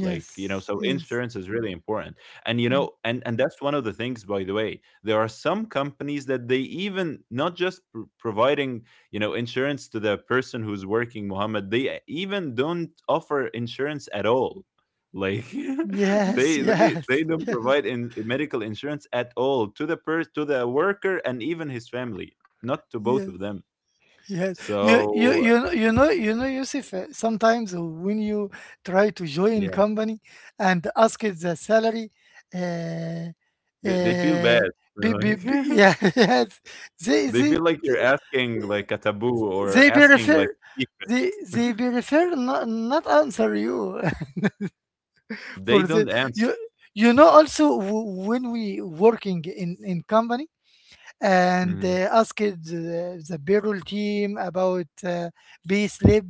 [SPEAKER 2] Like, you know, so
[SPEAKER 1] yes,
[SPEAKER 2] insurance is really important. And you
[SPEAKER 1] mm,
[SPEAKER 2] know, and that's one of the things, by the way, there are some companies that they even not just providing, you know, insurance to the person who's working, Muhammad, they even don't offer insurance at all. Like
[SPEAKER 1] yes, yes,
[SPEAKER 2] they don't provide in medical insurance at all to the per to the worker and even his family, not to both
[SPEAKER 1] yes.
[SPEAKER 2] of them.
[SPEAKER 1] Yeah, you you
[SPEAKER 2] So
[SPEAKER 1] you know you know you know Yusuf. Sometimes when you try to join
[SPEAKER 2] yeah,
[SPEAKER 1] company and ask it the salary, uh,
[SPEAKER 2] they feel
[SPEAKER 1] uh,
[SPEAKER 2] bad. Like
[SPEAKER 1] be, yeah, yes, they
[SPEAKER 2] they
[SPEAKER 1] they
[SPEAKER 2] feel like you're asking like a taboo or
[SPEAKER 1] they be
[SPEAKER 2] asking like
[SPEAKER 1] refer, they be refer, not not answer you.
[SPEAKER 2] they
[SPEAKER 1] For the,
[SPEAKER 2] don't answer.
[SPEAKER 1] you you know, also w- when we working in company and
[SPEAKER 2] Mhm.
[SPEAKER 1] asked the payroll team about pay slip.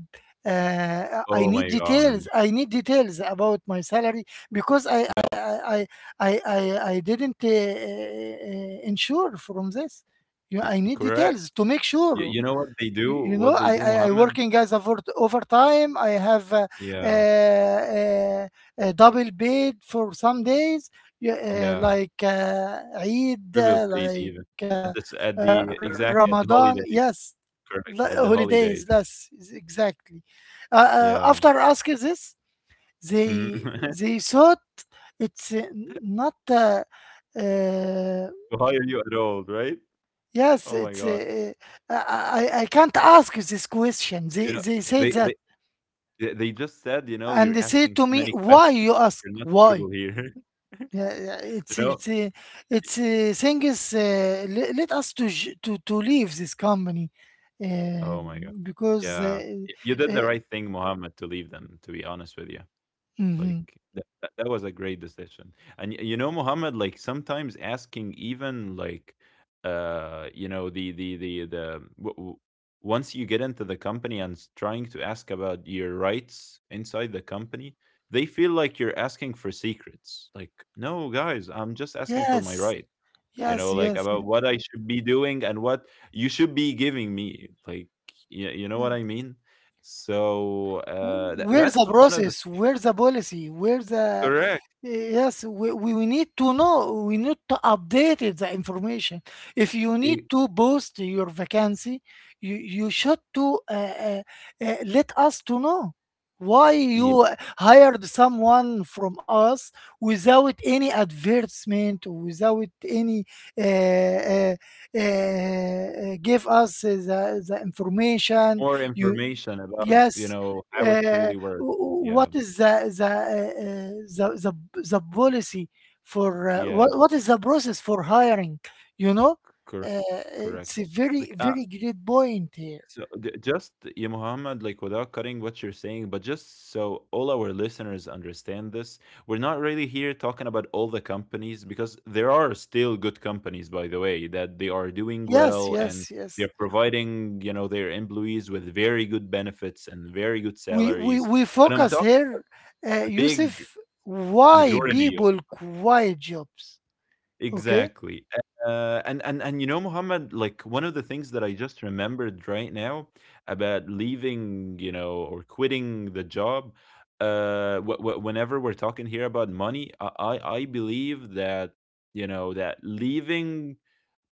[SPEAKER 1] I
[SPEAKER 2] Oh
[SPEAKER 1] need
[SPEAKER 2] my
[SPEAKER 1] details.
[SPEAKER 2] god.
[SPEAKER 1] I need details about my salary because I I
[SPEAKER 2] No,
[SPEAKER 1] I I I, I I didn't insure from this. You, I need
[SPEAKER 2] correct.
[SPEAKER 1] details to make sure.
[SPEAKER 2] You know what they do?
[SPEAKER 1] Y- you know
[SPEAKER 2] What they do,
[SPEAKER 1] I
[SPEAKER 2] Mohammed?
[SPEAKER 1] working as a for overtime. I have
[SPEAKER 2] Yeah,
[SPEAKER 1] uh, uh, a double paid for some days,
[SPEAKER 2] yeah.
[SPEAKER 1] like eid,
[SPEAKER 2] Triple paid even at this,
[SPEAKER 1] R-
[SPEAKER 2] at the
[SPEAKER 1] ramadan,
[SPEAKER 2] holiday.
[SPEAKER 1] yes,
[SPEAKER 2] Correct,
[SPEAKER 1] li-
[SPEAKER 2] at the holiday.
[SPEAKER 1] holidays. Yes, is exactly.
[SPEAKER 2] Yeah.
[SPEAKER 1] After asking this,
[SPEAKER 2] Mhm.
[SPEAKER 1] they they thought it's not uh,
[SPEAKER 2] To hire you at all, right? Oh
[SPEAKER 1] yes,
[SPEAKER 2] my
[SPEAKER 1] it's
[SPEAKER 2] god.
[SPEAKER 1] I, I can't ask this question.
[SPEAKER 2] You know,
[SPEAKER 1] They say
[SPEAKER 2] they they
[SPEAKER 1] that,
[SPEAKER 2] they just said, you know,
[SPEAKER 1] and
[SPEAKER 2] you're
[SPEAKER 1] they say
[SPEAKER 2] asking
[SPEAKER 1] to
[SPEAKER 2] too
[SPEAKER 1] me,
[SPEAKER 2] many
[SPEAKER 1] why
[SPEAKER 2] questions.
[SPEAKER 1] you ask?
[SPEAKER 2] You're not
[SPEAKER 1] Why?
[SPEAKER 2] suitable here.
[SPEAKER 1] Yeah,
[SPEAKER 2] You
[SPEAKER 1] yeah,
[SPEAKER 2] know.
[SPEAKER 1] it's thing is let us to to leave this company, uh,
[SPEAKER 2] Oh my god.
[SPEAKER 1] because
[SPEAKER 2] Yeah. Y you did the
[SPEAKER 1] uh,
[SPEAKER 2] right thing, Mohammed, to leave them, to be honest with you.
[SPEAKER 1] mhm.
[SPEAKER 2] Like that, was a great decision. And y you know, Mohammed, like sometimes asking even like you know, the w w once you get into the company and s trying to ask about your rights inside the company, they feel like you're asking for secrets. Like, "No, guys, I'm just asking for my
[SPEAKER 1] Yes,
[SPEAKER 2] right." You
[SPEAKER 1] yes,
[SPEAKER 2] know, like
[SPEAKER 1] yes, yes,
[SPEAKER 2] about what I should be doing, and what you should be giving me, like, you know what I
[SPEAKER 1] yes.
[SPEAKER 2] mean. So
[SPEAKER 1] Where's the
[SPEAKER 2] that's one of the
[SPEAKER 1] process? Where's the policy? Where's the,
[SPEAKER 2] correct
[SPEAKER 1] yes, we, we need to know, we need to update it, the information. If you need
[SPEAKER 2] e-
[SPEAKER 1] to post your vacancy, you should to let us to know why
[SPEAKER 2] yeah,
[SPEAKER 1] you hired someone from us without any advertisement, without any uh, uh, give us the information.
[SPEAKER 2] more
[SPEAKER 1] You,
[SPEAKER 2] information about, you
[SPEAKER 1] yes.
[SPEAKER 2] know, how it
[SPEAKER 1] Uh,
[SPEAKER 2] really works.
[SPEAKER 1] w-
[SPEAKER 2] Yeah.
[SPEAKER 1] what is the the policy for
[SPEAKER 2] Yeah.
[SPEAKER 1] what is the process for hiring? You know,
[SPEAKER 2] Correct.
[SPEAKER 1] uh,
[SPEAKER 2] Correct.
[SPEAKER 1] it's a
[SPEAKER 2] Like,
[SPEAKER 1] very very great point here.
[SPEAKER 2] so just you, Muhammad, like without cutting what you're saying, but just so all our listeners understand this, we're not really here talking about all the companies, because there are still good companies, by the way, that they are doing
[SPEAKER 1] Yes,
[SPEAKER 2] well, and
[SPEAKER 1] yes, yes.
[SPEAKER 2] they're providing, you know, their employees with very good benefits and very good
[SPEAKER 1] We we
[SPEAKER 2] salaries.
[SPEAKER 1] we
[SPEAKER 2] But I'm
[SPEAKER 1] focus
[SPEAKER 2] talking
[SPEAKER 1] here,
[SPEAKER 2] the big
[SPEAKER 1] Yusuf. Why
[SPEAKER 2] majority.
[SPEAKER 1] people quit jobs? Okay.
[SPEAKER 2] Exactly. And you know, Muhammad, like one of the things that I just remembered right now about leaving, you know, or quitting the job. Whenever we're talking here about money, I believe that, you know, that leaving,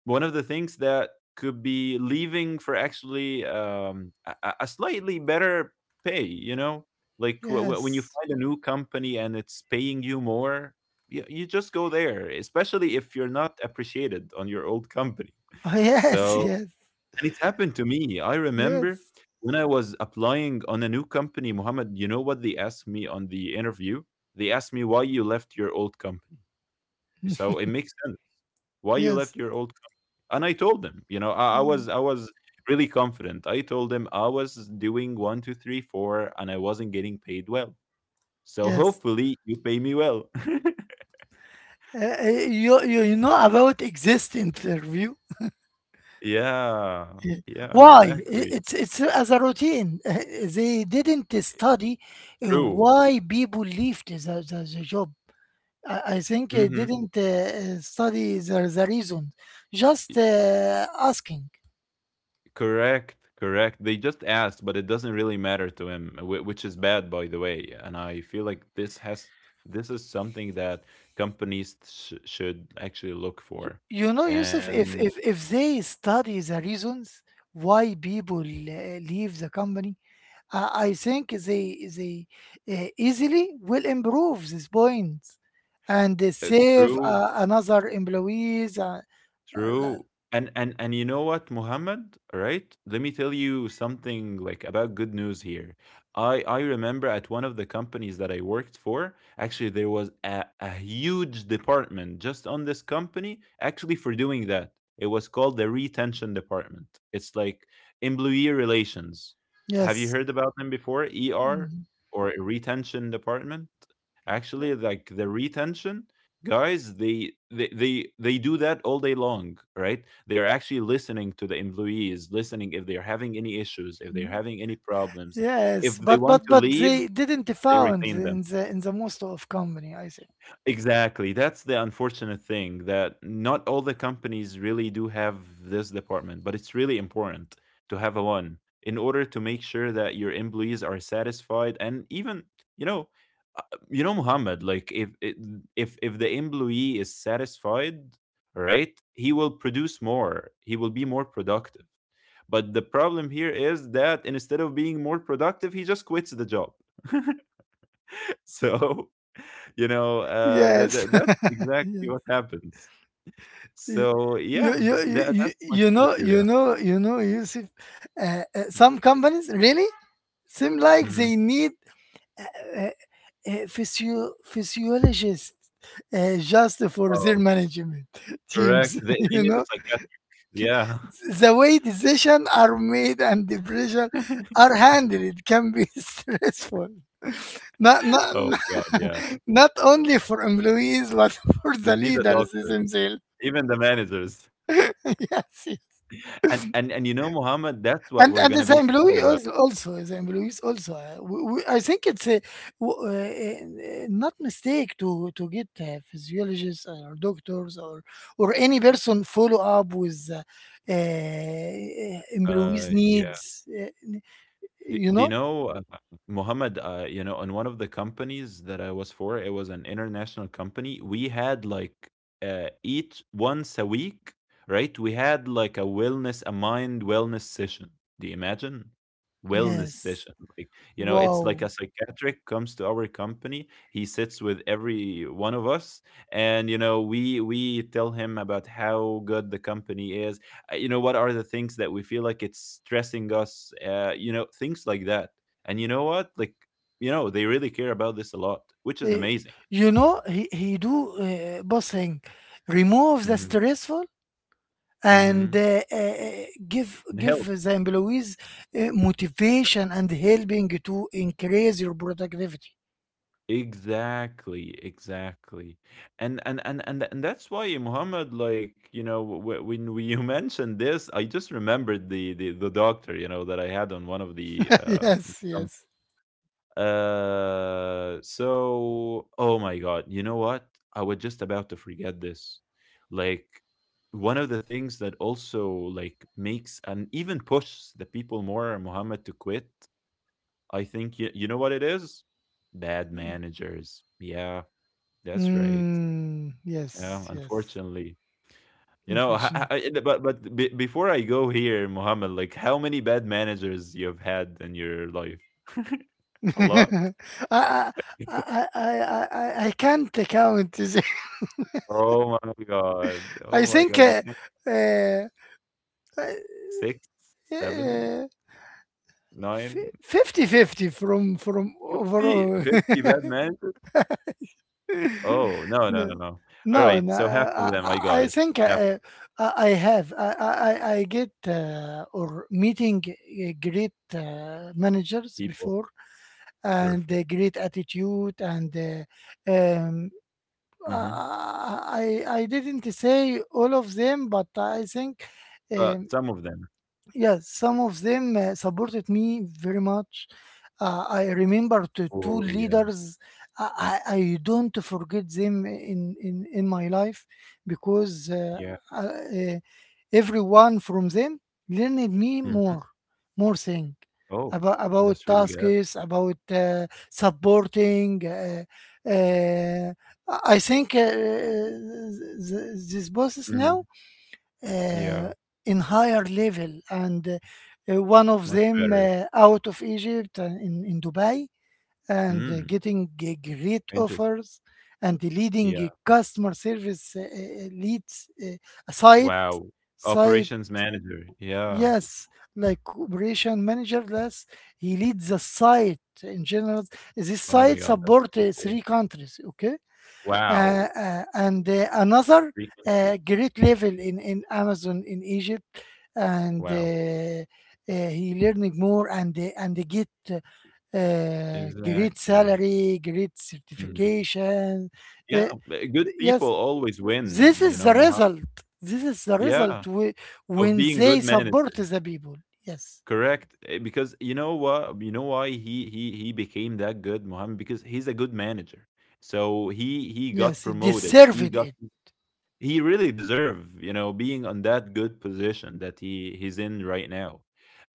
[SPEAKER 2] one of the things that could be leaving for actually, a, slightly better pay. You know, like when you
[SPEAKER 1] Yes.
[SPEAKER 2] find a new company and it's paying you more, you just go there, especially if you're not appreciated on your old company.
[SPEAKER 1] Yes.
[SPEAKER 2] So,
[SPEAKER 1] Yes.
[SPEAKER 2] and it's happened to me. I remember
[SPEAKER 1] Yes.
[SPEAKER 2] when I was applying on a new company, Mohammed. You know what they asked me on the interview? They asked me why you left your old company. So it makes sense why you
[SPEAKER 1] Yes.
[SPEAKER 2] left your old and I told him, you know, I, I
[SPEAKER 1] Mm,
[SPEAKER 2] was I was really confident. I told him I was doing one, two, three, four, and I wasn't getting paid well. So
[SPEAKER 1] yes.
[SPEAKER 2] hopefully you pay me well.
[SPEAKER 1] You you know about exist interview?
[SPEAKER 2] Yeah,
[SPEAKER 1] Uh,
[SPEAKER 2] yeah,
[SPEAKER 1] Why? I-
[SPEAKER 2] exactly.
[SPEAKER 1] It's as a routine. They didn't study
[SPEAKER 2] True.
[SPEAKER 1] why people left the job. I think they
[SPEAKER 2] Mm-hmm.
[SPEAKER 1] didn't study the reason. Just asking.
[SPEAKER 2] Correct, correct. They just asked, but it doesn't really matter to him, which is bad, by the way. And I feel like this is something that companies should actually look for.
[SPEAKER 1] You know, Yusuf,
[SPEAKER 2] And
[SPEAKER 1] if they study the reasons why people leave the company, I think they easily will improve these points, and they save
[SPEAKER 2] true,
[SPEAKER 1] another employees. Uh,
[SPEAKER 2] true. And you know what, Muhammad, right? Let me tell you something like about good news here. I remember at one of the companies that I worked for, actually there was a huge department just on this company actually for doing that. It was called the retention department. It's like employee relations. Have you
[SPEAKER 1] yes.
[SPEAKER 2] heard about them before? ER
[SPEAKER 1] Mm,
[SPEAKER 2] or retention department? Actually, like the retention guys, they do that all day long. Right, they're actually listening to the employees, listening if they're having any issues, if they're
[SPEAKER 1] mm.
[SPEAKER 2] having any problems, if
[SPEAKER 1] Yes,
[SPEAKER 2] they
[SPEAKER 1] but
[SPEAKER 2] want
[SPEAKER 1] but
[SPEAKER 2] to
[SPEAKER 1] but
[SPEAKER 2] leave,
[SPEAKER 1] they didn't
[SPEAKER 2] they
[SPEAKER 1] found
[SPEAKER 2] retain them.
[SPEAKER 1] in the most of company. I think
[SPEAKER 2] Exactly. That's the unfortunate thing, that not all the companies really do have this department, but it's really important to have a one in order to make sure that your employees are satisfied. And even, you know, uh, you know, Muhammad, like if the employee is satisfied, right? He will produce more. He will be more productive. But the problem here is that instead of being more productive, he just quits the job. So that
[SPEAKER 1] yes,
[SPEAKER 2] that that's exactly
[SPEAKER 1] yes.
[SPEAKER 2] what happens.
[SPEAKER 1] Y-
[SPEAKER 2] So yeah,
[SPEAKER 1] You, you you
[SPEAKER 2] that
[SPEAKER 1] you
[SPEAKER 2] that's my
[SPEAKER 1] you
[SPEAKER 2] point of
[SPEAKER 1] know
[SPEAKER 2] view, yeah.
[SPEAKER 1] you know you know Yusuf, some companies really seem like
[SPEAKER 2] Mhm.
[SPEAKER 1] they need uh, physiologists just for their
[SPEAKER 2] Oh,
[SPEAKER 1] management
[SPEAKER 2] correct.
[SPEAKER 1] teams.
[SPEAKER 2] They they
[SPEAKER 1] You
[SPEAKER 2] need a
[SPEAKER 1] know,
[SPEAKER 2] psychiatrist. Yeah.
[SPEAKER 1] the way decisions are made and the pressure are handled can be stressful. Not, not,
[SPEAKER 2] Oh my God, yeah.
[SPEAKER 1] not only for employees, but for the
[SPEAKER 2] They need a
[SPEAKER 1] leaders
[SPEAKER 2] doctor,
[SPEAKER 1] themselves.
[SPEAKER 2] even the managers.
[SPEAKER 1] Yes,
[SPEAKER 2] And you know, Mohammed, that's what we're
[SPEAKER 1] and
[SPEAKER 2] gonna
[SPEAKER 1] as
[SPEAKER 2] be talking
[SPEAKER 1] employee
[SPEAKER 2] about.
[SPEAKER 1] als- also as employees also, I think it's a not mistake to get physiologists or doctors or any person follow up with
[SPEAKER 2] Uh,
[SPEAKER 1] employees
[SPEAKER 2] yeah.
[SPEAKER 1] needs.
[SPEAKER 2] Do,
[SPEAKER 1] You
[SPEAKER 2] do you
[SPEAKER 1] know,
[SPEAKER 2] know, Mohammed? You know, in one of the companies that I was for, it was an international company. We had like each once a week, right? We had like a wellness, a mind wellness session. Do you imagine? Wellness
[SPEAKER 1] yes,
[SPEAKER 2] session, like you know, it's like
[SPEAKER 1] wow.
[SPEAKER 2] a psychiatric comes to our company. He sits with every one of us, and you know, we tell him about how good the company is, you know, what are the things that we feel like it's stressing us, you know, things like that. And you know what, like, you know, they really care about this a lot, which is
[SPEAKER 1] Uh,
[SPEAKER 2] amazing.
[SPEAKER 1] you know, he do bossing, remove the
[SPEAKER 2] Hmm.
[SPEAKER 1] stressful, and
[SPEAKER 2] Hmm.
[SPEAKER 1] give
[SPEAKER 2] And
[SPEAKER 1] give
[SPEAKER 2] help,
[SPEAKER 1] the employees motivation and helping to increase your productivity.
[SPEAKER 2] exactly, exactly. And that's why, Muhammad, like, you know, when we, you mentioned this, I just remembered the doctor, you know, that I had on one of the
[SPEAKER 1] Yes, yes.
[SPEAKER 2] uh. So, oh my God, you know what? I was just about to forget this. Like, one of the things that also like makes and even pushes the people more, Muhammad, to quit, I think you know what it is? Bad managers. Yeah, that's right.
[SPEAKER 1] Mm,
[SPEAKER 2] Yeah,
[SPEAKER 1] yes, yes.
[SPEAKER 2] unfortunately. You know,
[SPEAKER 1] Unfortunately,
[SPEAKER 2] before I go here, Muhammad, like how many bad managers you've had in your life? A lot.
[SPEAKER 1] I, I, I can't count. The-
[SPEAKER 2] Oh my god.
[SPEAKER 1] I
[SPEAKER 2] Oh my
[SPEAKER 1] think
[SPEAKER 2] god. You can have
[SPEAKER 1] uh, uh,
[SPEAKER 2] 6, 7,
[SPEAKER 1] uh,
[SPEAKER 2] nine,
[SPEAKER 1] 50 fifty from
[SPEAKER 2] 50,
[SPEAKER 1] overall.
[SPEAKER 2] 50 bad managers? Oh, no, no, no,
[SPEAKER 1] No,
[SPEAKER 2] no. All
[SPEAKER 1] no,
[SPEAKER 2] right.
[SPEAKER 1] no,
[SPEAKER 2] So half of
[SPEAKER 1] I,
[SPEAKER 2] them, I
[SPEAKER 1] I
[SPEAKER 2] got
[SPEAKER 1] I
[SPEAKER 2] it.
[SPEAKER 1] think
[SPEAKER 2] Half of
[SPEAKER 1] I have. I get or meeting great managers
[SPEAKER 2] people.
[SPEAKER 1] before, and
[SPEAKER 2] Perfect.
[SPEAKER 1] great attitude and uh, um,
[SPEAKER 2] Hmm.
[SPEAKER 1] I didn't say all of them, but I think.
[SPEAKER 2] But
[SPEAKER 1] Um,
[SPEAKER 2] some of them.
[SPEAKER 1] Yes, some of them supported me very much. I remember the two
[SPEAKER 2] Oh, yeah.
[SPEAKER 1] leaders. I don't forget them in, in my life because
[SPEAKER 2] Yeah.
[SPEAKER 1] uh, uh, everyone from them learned me
[SPEAKER 2] Hmm.
[SPEAKER 1] more, more thing
[SPEAKER 2] Oh,
[SPEAKER 1] about
[SPEAKER 2] that's really good.
[SPEAKER 1] tasks, about supporting. Uh, I think these bosses now
[SPEAKER 2] Hmm. Yeah.
[SPEAKER 1] uh, in higher level, and one of
[SPEAKER 2] Much
[SPEAKER 1] them
[SPEAKER 2] better.
[SPEAKER 1] out of Egypt and in Dubai, and
[SPEAKER 2] Mm,
[SPEAKER 1] getting great
[SPEAKER 2] interesting.
[SPEAKER 1] offers and leading a
[SPEAKER 2] Yeah.
[SPEAKER 1] customer service leads a site
[SPEAKER 2] Wow.
[SPEAKER 1] site
[SPEAKER 2] Operations manager. Yeah.
[SPEAKER 1] yes, like operation manager, yes. He leads the site in general. This
[SPEAKER 2] Oh my
[SPEAKER 1] site
[SPEAKER 2] god. That's
[SPEAKER 1] support
[SPEAKER 2] really cool.
[SPEAKER 1] three countries. Okay, uh,
[SPEAKER 2] Wow.
[SPEAKER 1] and another
[SPEAKER 2] Three countries.
[SPEAKER 1] great level in Amazon in Egypt, and
[SPEAKER 2] Wow.
[SPEAKER 1] he learning more, and they get great
[SPEAKER 2] Exactly.
[SPEAKER 1] salary, great
[SPEAKER 2] Mhm.
[SPEAKER 1] certification.
[SPEAKER 2] Yeah,
[SPEAKER 1] Uh,
[SPEAKER 2] b good people
[SPEAKER 1] yes,
[SPEAKER 2] always win,
[SPEAKER 1] this
[SPEAKER 2] you
[SPEAKER 1] is the
[SPEAKER 2] know, Moha.
[SPEAKER 1] result. This is the
[SPEAKER 2] Yeah,
[SPEAKER 1] result
[SPEAKER 2] of
[SPEAKER 1] when
[SPEAKER 2] being
[SPEAKER 1] they
[SPEAKER 2] good
[SPEAKER 1] support
[SPEAKER 2] manager.
[SPEAKER 1] the people. Yes,
[SPEAKER 2] Correct, eh, because you know what, you know why he became that good, Mohammed? Because he's a good manager. So he got
[SPEAKER 1] yes, they
[SPEAKER 2] promoted. He
[SPEAKER 1] deserved
[SPEAKER 2] got
[SPEAKER 1] it.
[SPEAKER 2] he really deserve, you know, being on that good position that he's in right now.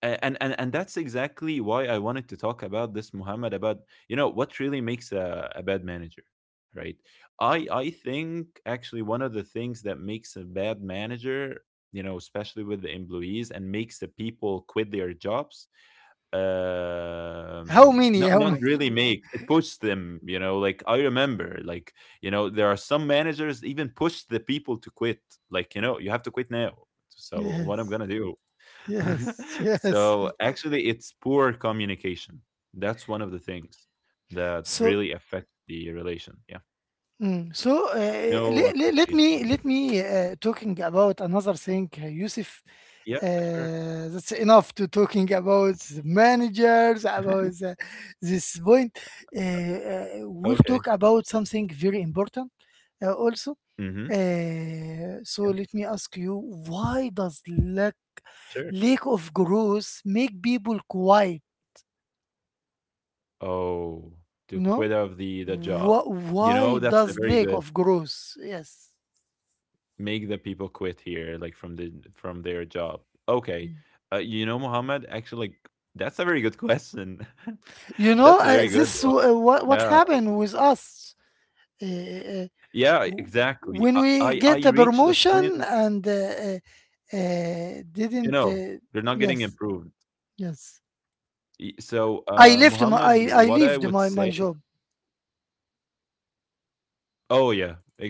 [SPEAKER 2] And that's exactly why I wanted to talk about this, Muhammad, about you know what really makes a bad manager, right? I think actually one of the things that makes a bad manager, you know, especially with the employees, and makes the people quit their jobs,
[SPEAKER 1] How many?
[SPEAKER 2] not
[SPEAKER 1] How
[SPEAKER 2] really make it push them. You know, like I remember, like you know, there are some managers even push the people to quit, like, you know, you have to quit now. So
[SPEAKER 1] many?
[SPEAKER 2] what I'm gonna do?
[SPEAKER 1] Yes, yes,
[SPEAKER 2] So
[SPEAKER 1] yes.
[SPEAKER 2] actually it's poor communication, that's one of the things that
[SPEAKER 1] So
[SPEAKER 2] really affect the relation, yeah.
[SPEAKER 1] mm. So
[SPEAKER 2] No appreciation, yeah,
[SPEAKER 1] let me talking about another thing, Yusuf.
[SPEAKER 2] yeah, sure.
[SPEAKER 1] That's enough to talking about the managers about this point. We'll
[SPEAKER 2] Okay,
[SPEAKER 1] talk about something very important also.
[SPEAKER 2] mm-hmm, yeah,
[SPEAKER 1] So let me ask you, why does lack
[SPEAKER 2] sure.
[SPEAKER 1] lack of growth make people quiet?
[SPEAKER 2] Oh, to quit
[SPEAKER 1] You
[SPEAKER 2] of
[SPEAKER 1] know,
[SPEAKER 2] the job. You know,
[SPEAKER 1] Why
[SPEAKER 2] that's a
[SPEAKER 1] does
[SPEAKER 2] very
[SPEAKER 1] lack
[SPEAKER 2] good
[SPEAKER 1] of growth? Yes.
[SPEAKER 2] make the people quit here like from the from their job, okay.
[SPEAKER 1] Mm.
[SPEAKER 2] You know, Muhammad, actually, like, that's a very good question.
[SPEAKER 1] You know,
[SPEAKER 2] That's a very
[SPEAKER 1] this
[SPEAKER 2] good one,
[SPEAKER 1] what
[SPEAKER 2] yeah.
[SPEAKER 1] happened with us, uh, uh,
[SPEAKER 2] Yeah,
[SPEAKER 1] w-
[SPEAKER 2] exactly. I
[SPEAKER 1] when
[SPEAKER 2] I
[SPEAKER 1] we
[SPEAKER 2] I
[SPEAKER 1] get a
[SPEAKER 2] reached the point,
[SPEAKER 1] promotion and
[SPEAKER 2] you know, they're not
[SPEAKER 1] didn't.
[SPEAKER 2] getting improved.
[SPEAKER 1] Yes, yes.
[SPEAKER 2] So, Muhammad,
[SPEAKER 1] I left
[SPEAKER 2] what
[SPEAKER 1] my
[SPEAKER 2] I
[SPEAKER 1] I
[SPEAKER 2] would
[SPEAKER 1] I
[SPEAKER 2] say,
[SPEAKER 1] left my my job.
[SPEAKER 2] oh yeah, exactly.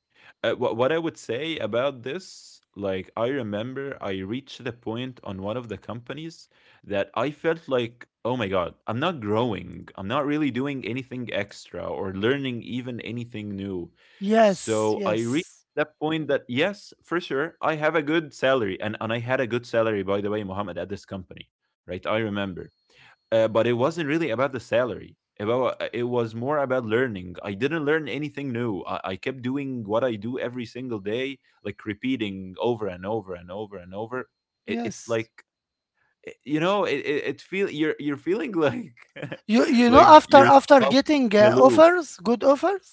[SPEAKER 2] What I would say about this, like I remember I reached the point on one of the companies that I felt like, oh my god, I'm not growing. I'm not really doing anything extra or learning even anything new.
[SPEAKER 1] Yes,
[SPEAKER 2] So I reached
[SPEAKER 1] yes,
[SPEAKER 2] that point that yes, for sure, I have a good salary, and I had a good salary, by the way, Muhammad, at this company, right? I remember but it wasn't really about the salary. About it was more about learning. I didn't learn anything new. I kept doing what I do every single day, like repeating over and over and over and over. It's
[SPEAKER 1] yes.
[SPEAKER 2] like you know, it feel you're feeling like
[SPEAKER 1] You you know
[SPEAKER 2] like
[SPEAKER 1] after
[SPEAKER 2] you're
[SPEAKER 1] after
[SPEAKER 2] stuck
[SPEAKER 1] getting
[SPEAKER 2] in a loop.
[SPEAKER 1] offers, good offers,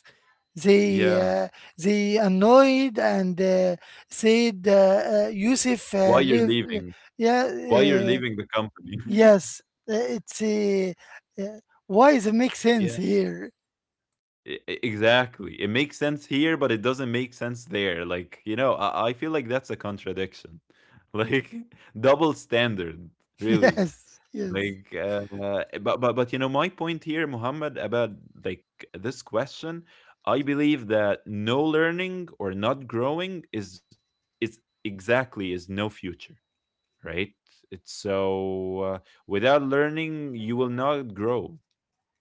[SPEAKER 1] they
[SPEAKER 2] Yeah,
[SPEAKER 1] uh, they annoyed and said Yusuf
[SPEAKER 2] why you're
[SPEAKER 1] leave.
[SPEAKER 2] leaving?
[SPEAKER 1] Yeah.
[SPEAKER 2] Why you're
[SPEAKER 1] Uh,
[SPEAKER 2] leaving the company?
[SPEAKER 1] Yes, uh, it's a, uh, why does it make sense
[SPEAKER 2] Yeah.
[SPEAKER 1] here?
[SPEAKER 2] Exactly. It makes sense here, but it doesn't make sense there. Like, you know, I feel like that's a contradiction. Like double standard, really.
[SPEAKER 1] Yes, yes.
[SPEAKER 2] Like but you know, my point here, Muhammad, about like this question, I believe that no learning or not growing is exactly is no future, right? It's so without learning, you will not grow.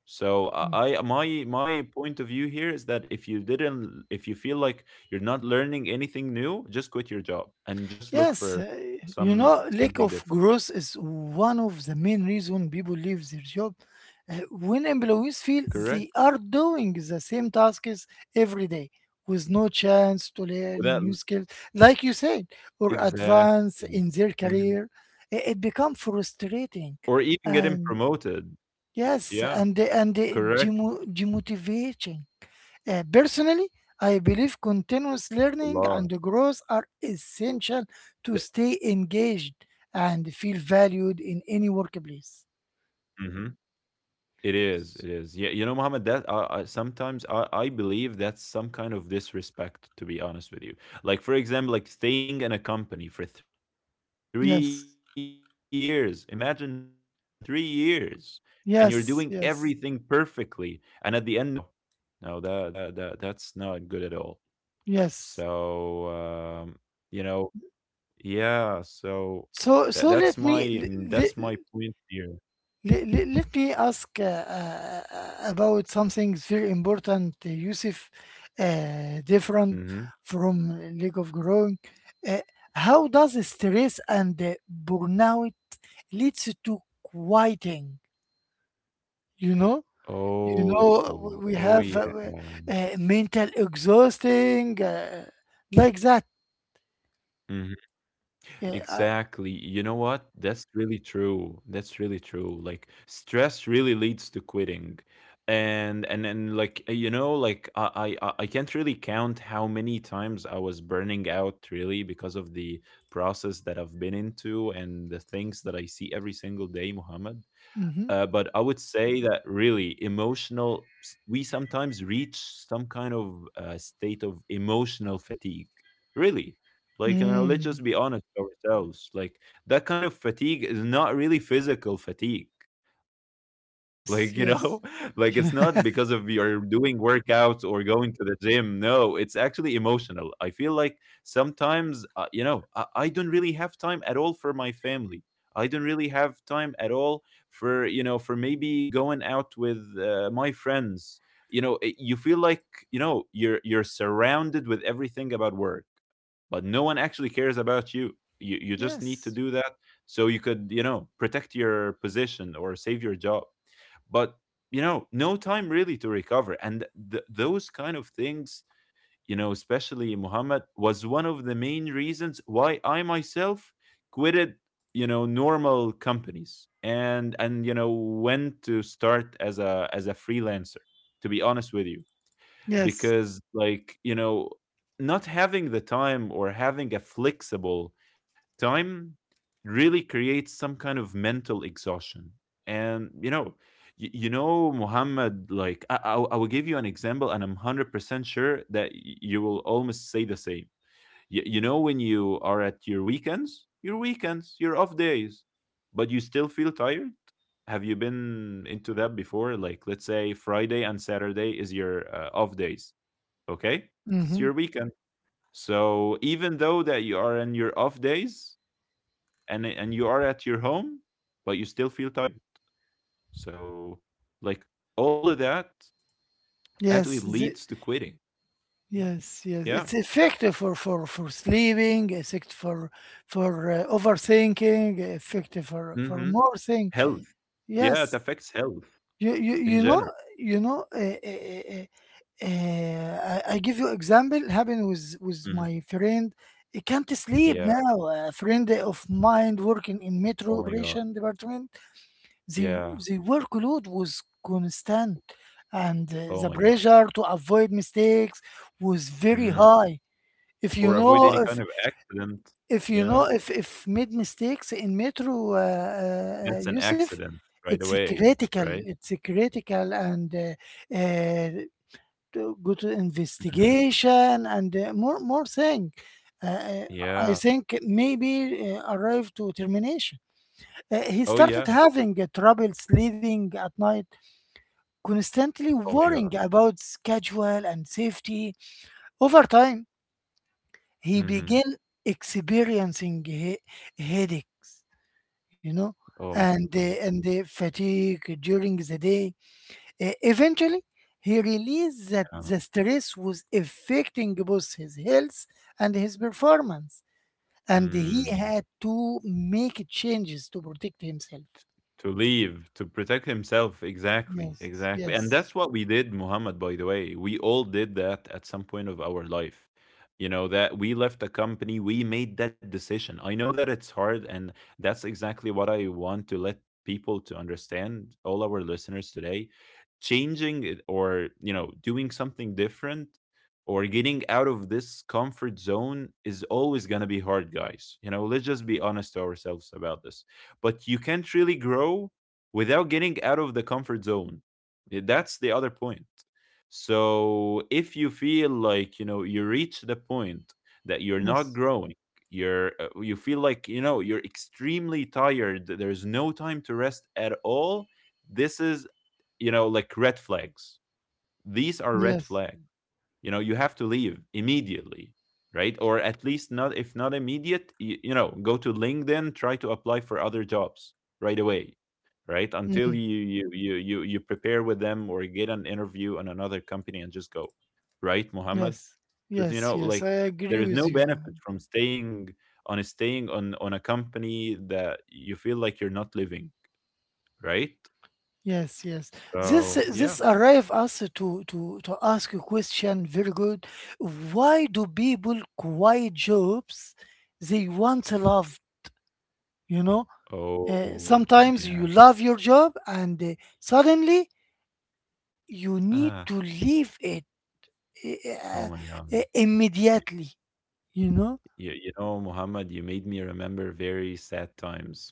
[SPEAKER 2] So
[SPEAKER 1] Mm.
[SPEAKER 2] I my my point of view here is that if you didn't, if you feel like you're not learning anything new, just quit your job and just look
[SPEAKER 1] Yes,
[SPEAKER 2] for some
[SPEAKER 1] you know,
[SPEAKER 2] something
[SPEAKER 1] lack
[SPEAKER 2] different.
[SPEAKER 1] of growth is one of the main reason people leave their job. When employees feel
[SPEAKER 2] Correct.
[SPEAKER 1] they are doing the same tasks every day with no chance to learn new
[SPEAKER 2] Without
[SPEAKER 1] skills, like you said, or
[SPEAKER 2] exactly.
[SPEAKER 1] advance in their
[SPEAKER 2] Mhm.
[SPEAKER 1] career, I- it becomes frustrating.
[SPEAKER 2] Or even getting
[SPEAKER 1] And
[SPEAKER 2] promoted.
[SPEAKER 1] yes,
[SPEAKER 2] Yeah.
[SPEAKER 1] and the- and the
[SPEAKER 2] Correct.
[SPEAKER 1] demo- demotivating. Personally, I believe continuous
[SPEAKER 2] A
[SPEAKER 1] learning and
[SPEAKER 2] lot.
[SPEAKER 1] growth are essential to stay engaged and feel valued in any workplace.
[SPEAKER 2] Mm-hmm. It is. It is. Yeah, you know, Muhammad. That I sometimes I believe that's some kind of disrespect. To be honest with you, like for example, like staying in a company for 3 years. Imagine
[SPEAKER 1] Yes,
[SPEAKER 2] 3 years, and you're doing everything perfectly, and at the end,
[SPEAKER 1] yes,
[SPEAKER 2] no
[SPEAKER 1] yes,
[SPEAKER 2] promotion. No, no, that's not good at all.
[SPEAKER 1] yes.
[SPEAKER 2] So you know, yeah. So that
[SPEAKER 1] So so
[SPEAKER 2] that's
[SPEAKER 1] let
[SPEAKER 2] my
[SPEAKER 1] me
[SPEAKER 2] mm, that's
[SPEAKER 1] le- le-
[SPEAKER 2] my point here.
[SPEAKER 1] Le- le- Let me ask about something very important, Yusuf, different
[SPEAKER 2] Mm-hmm.
[SPEAKER 1] from lack of growing. Uh, how does stress and burnout leads to quieting? You know, you know, we
[SPEAKER 2] Oh,
[SPEAKER 1] have
[SPEAKER 2] oh yeah.
[SPEAKER 1] mental exhausting like that.
[SPEAKER 2] Mhm.
[SPEAKER 1] Uh, uh,
[SPEAKER 2] Exactly. You know what? That's really true. That's really true. Like stress really leads to quitting. And like you know, like I can't really count how many times I was burning out really because of the process that I've been into and the things that I see every single day, Muhammad.
[SPEAKER 1] mhm.
[SPEAKER 2] But I would say that really emotional, we sometimes reach some kind of state of emotional fatigue. Really. Like, you know, let's
[SPEAKER 1] Mm,
[SPEAKER 2] just be honest with ourselves. Like, that kind of fatigue is not really physical fatigue. Like,
[SPEAKER 1] yes,
[SPEAKER 2] like it's
[SPEAKER 1] yes,
[SPEAKER 2] not because of you're doing workouts or going to the gym. No, it's actually emotional. I feel like sometimes, you know, I don't really have time at all for my family. I don't really have time at all for, for maybe going out with my friends. You know, you feel like, you know, you're surrounded with everything about work, but no one actually cares about you. You just need to
[SPEAKER 1] yes,
[SPEAKER 2] do that so you could, you know, protect your position or save your job. But, you know, no time really to recover and those kind of things. You know, especially Muhammad, was one of the main reasons why I myself quitted, you know, normal companies. And, you know, went to start as a freelancer, to be honest with you.
[SPEAKER 1] yes.
[SPEAKER 2] Because, like, you know, not having the time or having a flexible time really creates some kind of mental exhaustion. And, you know, you know Muhammad, like I will give you an example, and I'm 100% sure that you will almost say the same. You know, when you are at your weekends, your off days, but you still feel tired. Have you been into that before? Like, let's say Friday and Saturday is your off days. Okay? It's
[SPEAKER 1] Mm-hmm.
[SPEAKER 2] your weekend. So even though that you are in your off days, and you are at your home, but you still feel tired. So, like, all of that actually
[SPEAKER 1] Yes,
[SPEAKER 2] leads to quitting.
[SPEAKER 1] yes, yes,
[SPEAKER 2] Yeah.
[SPEAKER 1] it's effective for for sleeping, effective for overthinking, effective for
[SPEAKER 2] Mm-hmm.
[SPEAKER 1] more thing.
[SPEAKER 2] Health. Yeah, it
[SPEAKER 1] Yes,
[SPEAKER 2] affects health
[SPEAKER 1] you you
[SPEAKER 2] in
[SPEAKER 1] you know
[SPEAKER 2] general.
[SPEAKER 1] you know. I give you example happened with
[SPEAKER 2] Mhm.
[SPEAKER 1] my friend. He can't sleep
[SPEAKER 2] Yeah.
[SPEAKER 1] now. A friend of mine working in metro
[SPEAKER 2] Oh my god.
[SPEAKER 1] operation department. They
[SPEAKER 2] Yeah.
[SPEAKER 1] they workload was constant, and
[SPEAKER 2] Oh
[SPEAKER 1] the
[SPEAKER 2] my god.
[SPEAKER 1] pressure to avoid mistakes was very
[SPEAKER 2] Mm.
[SPEAKER 1] high. If you
[SPEAKER 2] Or
[SPEAKER 1] know,
[SPEAKER 2] avoid any kind of accident. You
[SPEAKER 1] if You
[SPEAKER 2] know,
[SPEAKER 1] know, if made mistakes in Metro,
[SPEAKER 2] that's an
[SPEAKER 1] Yusuf,
[SPEAKER 2] accident right
[SPEAKER 1] it's
[SPEAKER 2] away.
[SPEAKER 1] critical.
[SPEAKER 2] Right.
[SPEAKER 1] It's critical, and to go to
[SPEAKER 2] Mhm.
[SPEAKER 1] investigation and more more thing. Uh, uh,
[SPEAKER 2] Yeah.
[SPEAKER 1] I think maybe arrive to termination.
[SPEAKER 2] Oh
[SPEAKER 1] He
[SPEAKER 2] yeah.
[SPEAKER 1] started having trouble sleeping at night, constantly
[SPEAKER 2] Oh my
[SPEAKER 1] worrying
[SPEAKER 2] god.
[SPEAKER 1] about schedule and safety. Over time, he
[SPEAKER 2] Mhm.
[SPEAKER 1] began experiencing headaches, you know,
[SPEAKER 2] Oh my
[SPEAKER 1] and
[SPEAKER 2] god.
[SPEAKER 1] fatigue during the day. Eventually, he realized that
[SPEAKER 2] Yeah.
[SPEAKER 1] the stress was affecting both his health and his performance, and he
[SPEAKER 2] Mm.
[SPEAKER 1] had to make changes to protect himself.
[SPEAKER 2] To leave, to protect himself. Exactly,
[SPEAKER 1] Yes,
[SPEAKER 2] exactly. And
[SPEAKER 1] yes,
[SPEAKER 2] that's what we did, Muhammad, by the way. We all did that at some point of our life. You know, that we left a company, we made that decision. I know that it's hard, and that's exactly what I want to let people to understand, all our listeners today. Changing it or, you know, doing something different or getting out of this comfort zone is always going to be hard, guys. You know, let's just be honest to ourselves about this, but you can't really grow without getting out of the comfort zone. Yeah, that's the other point. So if you feel like, you know, you reach the point that you're not
[SPEAKER 1] yes,
[SPEAKER 2] growing, you're you feel like, you know, you're extremely tired, there's no time to rest at all, this is, you know, like red flags. These are red
[SPEAKER 1] yes,
[SPEAKER 2] flags. You know, you have to leave immediately, right? Or at least, not if not immediate, you know, go to LinkedIn, try to apply for other jobs right away, right,
[SPEAKER 1] mm,
[SPEAKER 2] until you prepare with them or get an interview on another company and just go, right Muhammad?
[SPEAKER 1] yes,
[SPEAKER 2] Because, you
[SPEAKER 1] yes,
[SPEAKER 2] know,
[SPEAKER 1] yes.
[SPEAKER 2] like,
[SPEAKER 1] I agree
[SPEAKER 2] there is
[SPEAKER 1] with
[SPEAKER 2] no
[SPEAKER 1] you.
[SPEAKER 2] benefit from staying, on a company that you feel like you're not living, right?
[SPEAKER 1] Yes, yes. This
[SPEAKER 2] So yeah.
[SPEAKER 1] this arrive us to ask a question. Very good. Why do people quit jobs they once loved? You know,
[SPEAKER 2] Oh
[SPEAKER 1] sometimes
[SPEAKER 2] yeah.
[SPEAKER 1] you love your job and suddenly you need
[SPEAKER 2] Ah,
[SPEAKER 1] to leave it
[SPEAKER 2] oh
[SPEAKER 1] uh,
[SPEAKER 2] my god.
[SPEAKER 1] immediately. You know.
[SPEAKER 2] You know, Muhammad, you made me remember very sad times.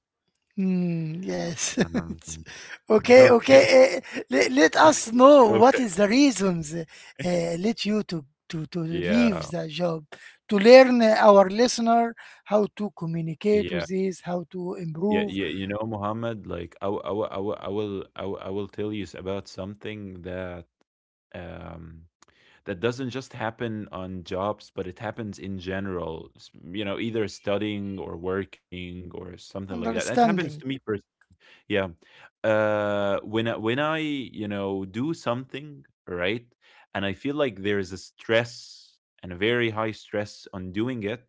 [SPEAKER 1] Hmm, yes.
[SPEAKER 2] Um,
[SPEAKER 1] Okay,
[SPEAKER 2] okay,
[SPEAKER 1] okay. Let us know what
[SPEAKER 2] okay.
[SPEAKER 1] is the reasons led you to, leave
[SPEAKER 2] Yeah,
[SPEAKER 1] the job, to learn our listener how to communicate
[SPEAKER 2] yeah,
[SPEAKER 1] with this, how to
[SPEAKER 2] yeah,
[SPEAKER 1] improve
[SPEAKER 2] yeah. You know, Muhammad, like I, w- I, w- I, w- I will, I, w- I will tell you about something that um that doesn't just happen on jobs, but it happens in general. You know, either studying or working or something like that. That happens to me.
[SPEAKER 1] understanding.
[SPEAKER 2] Yeah. When when I you know, do something right, and I feel like there is a stress and a very high stress on doing it,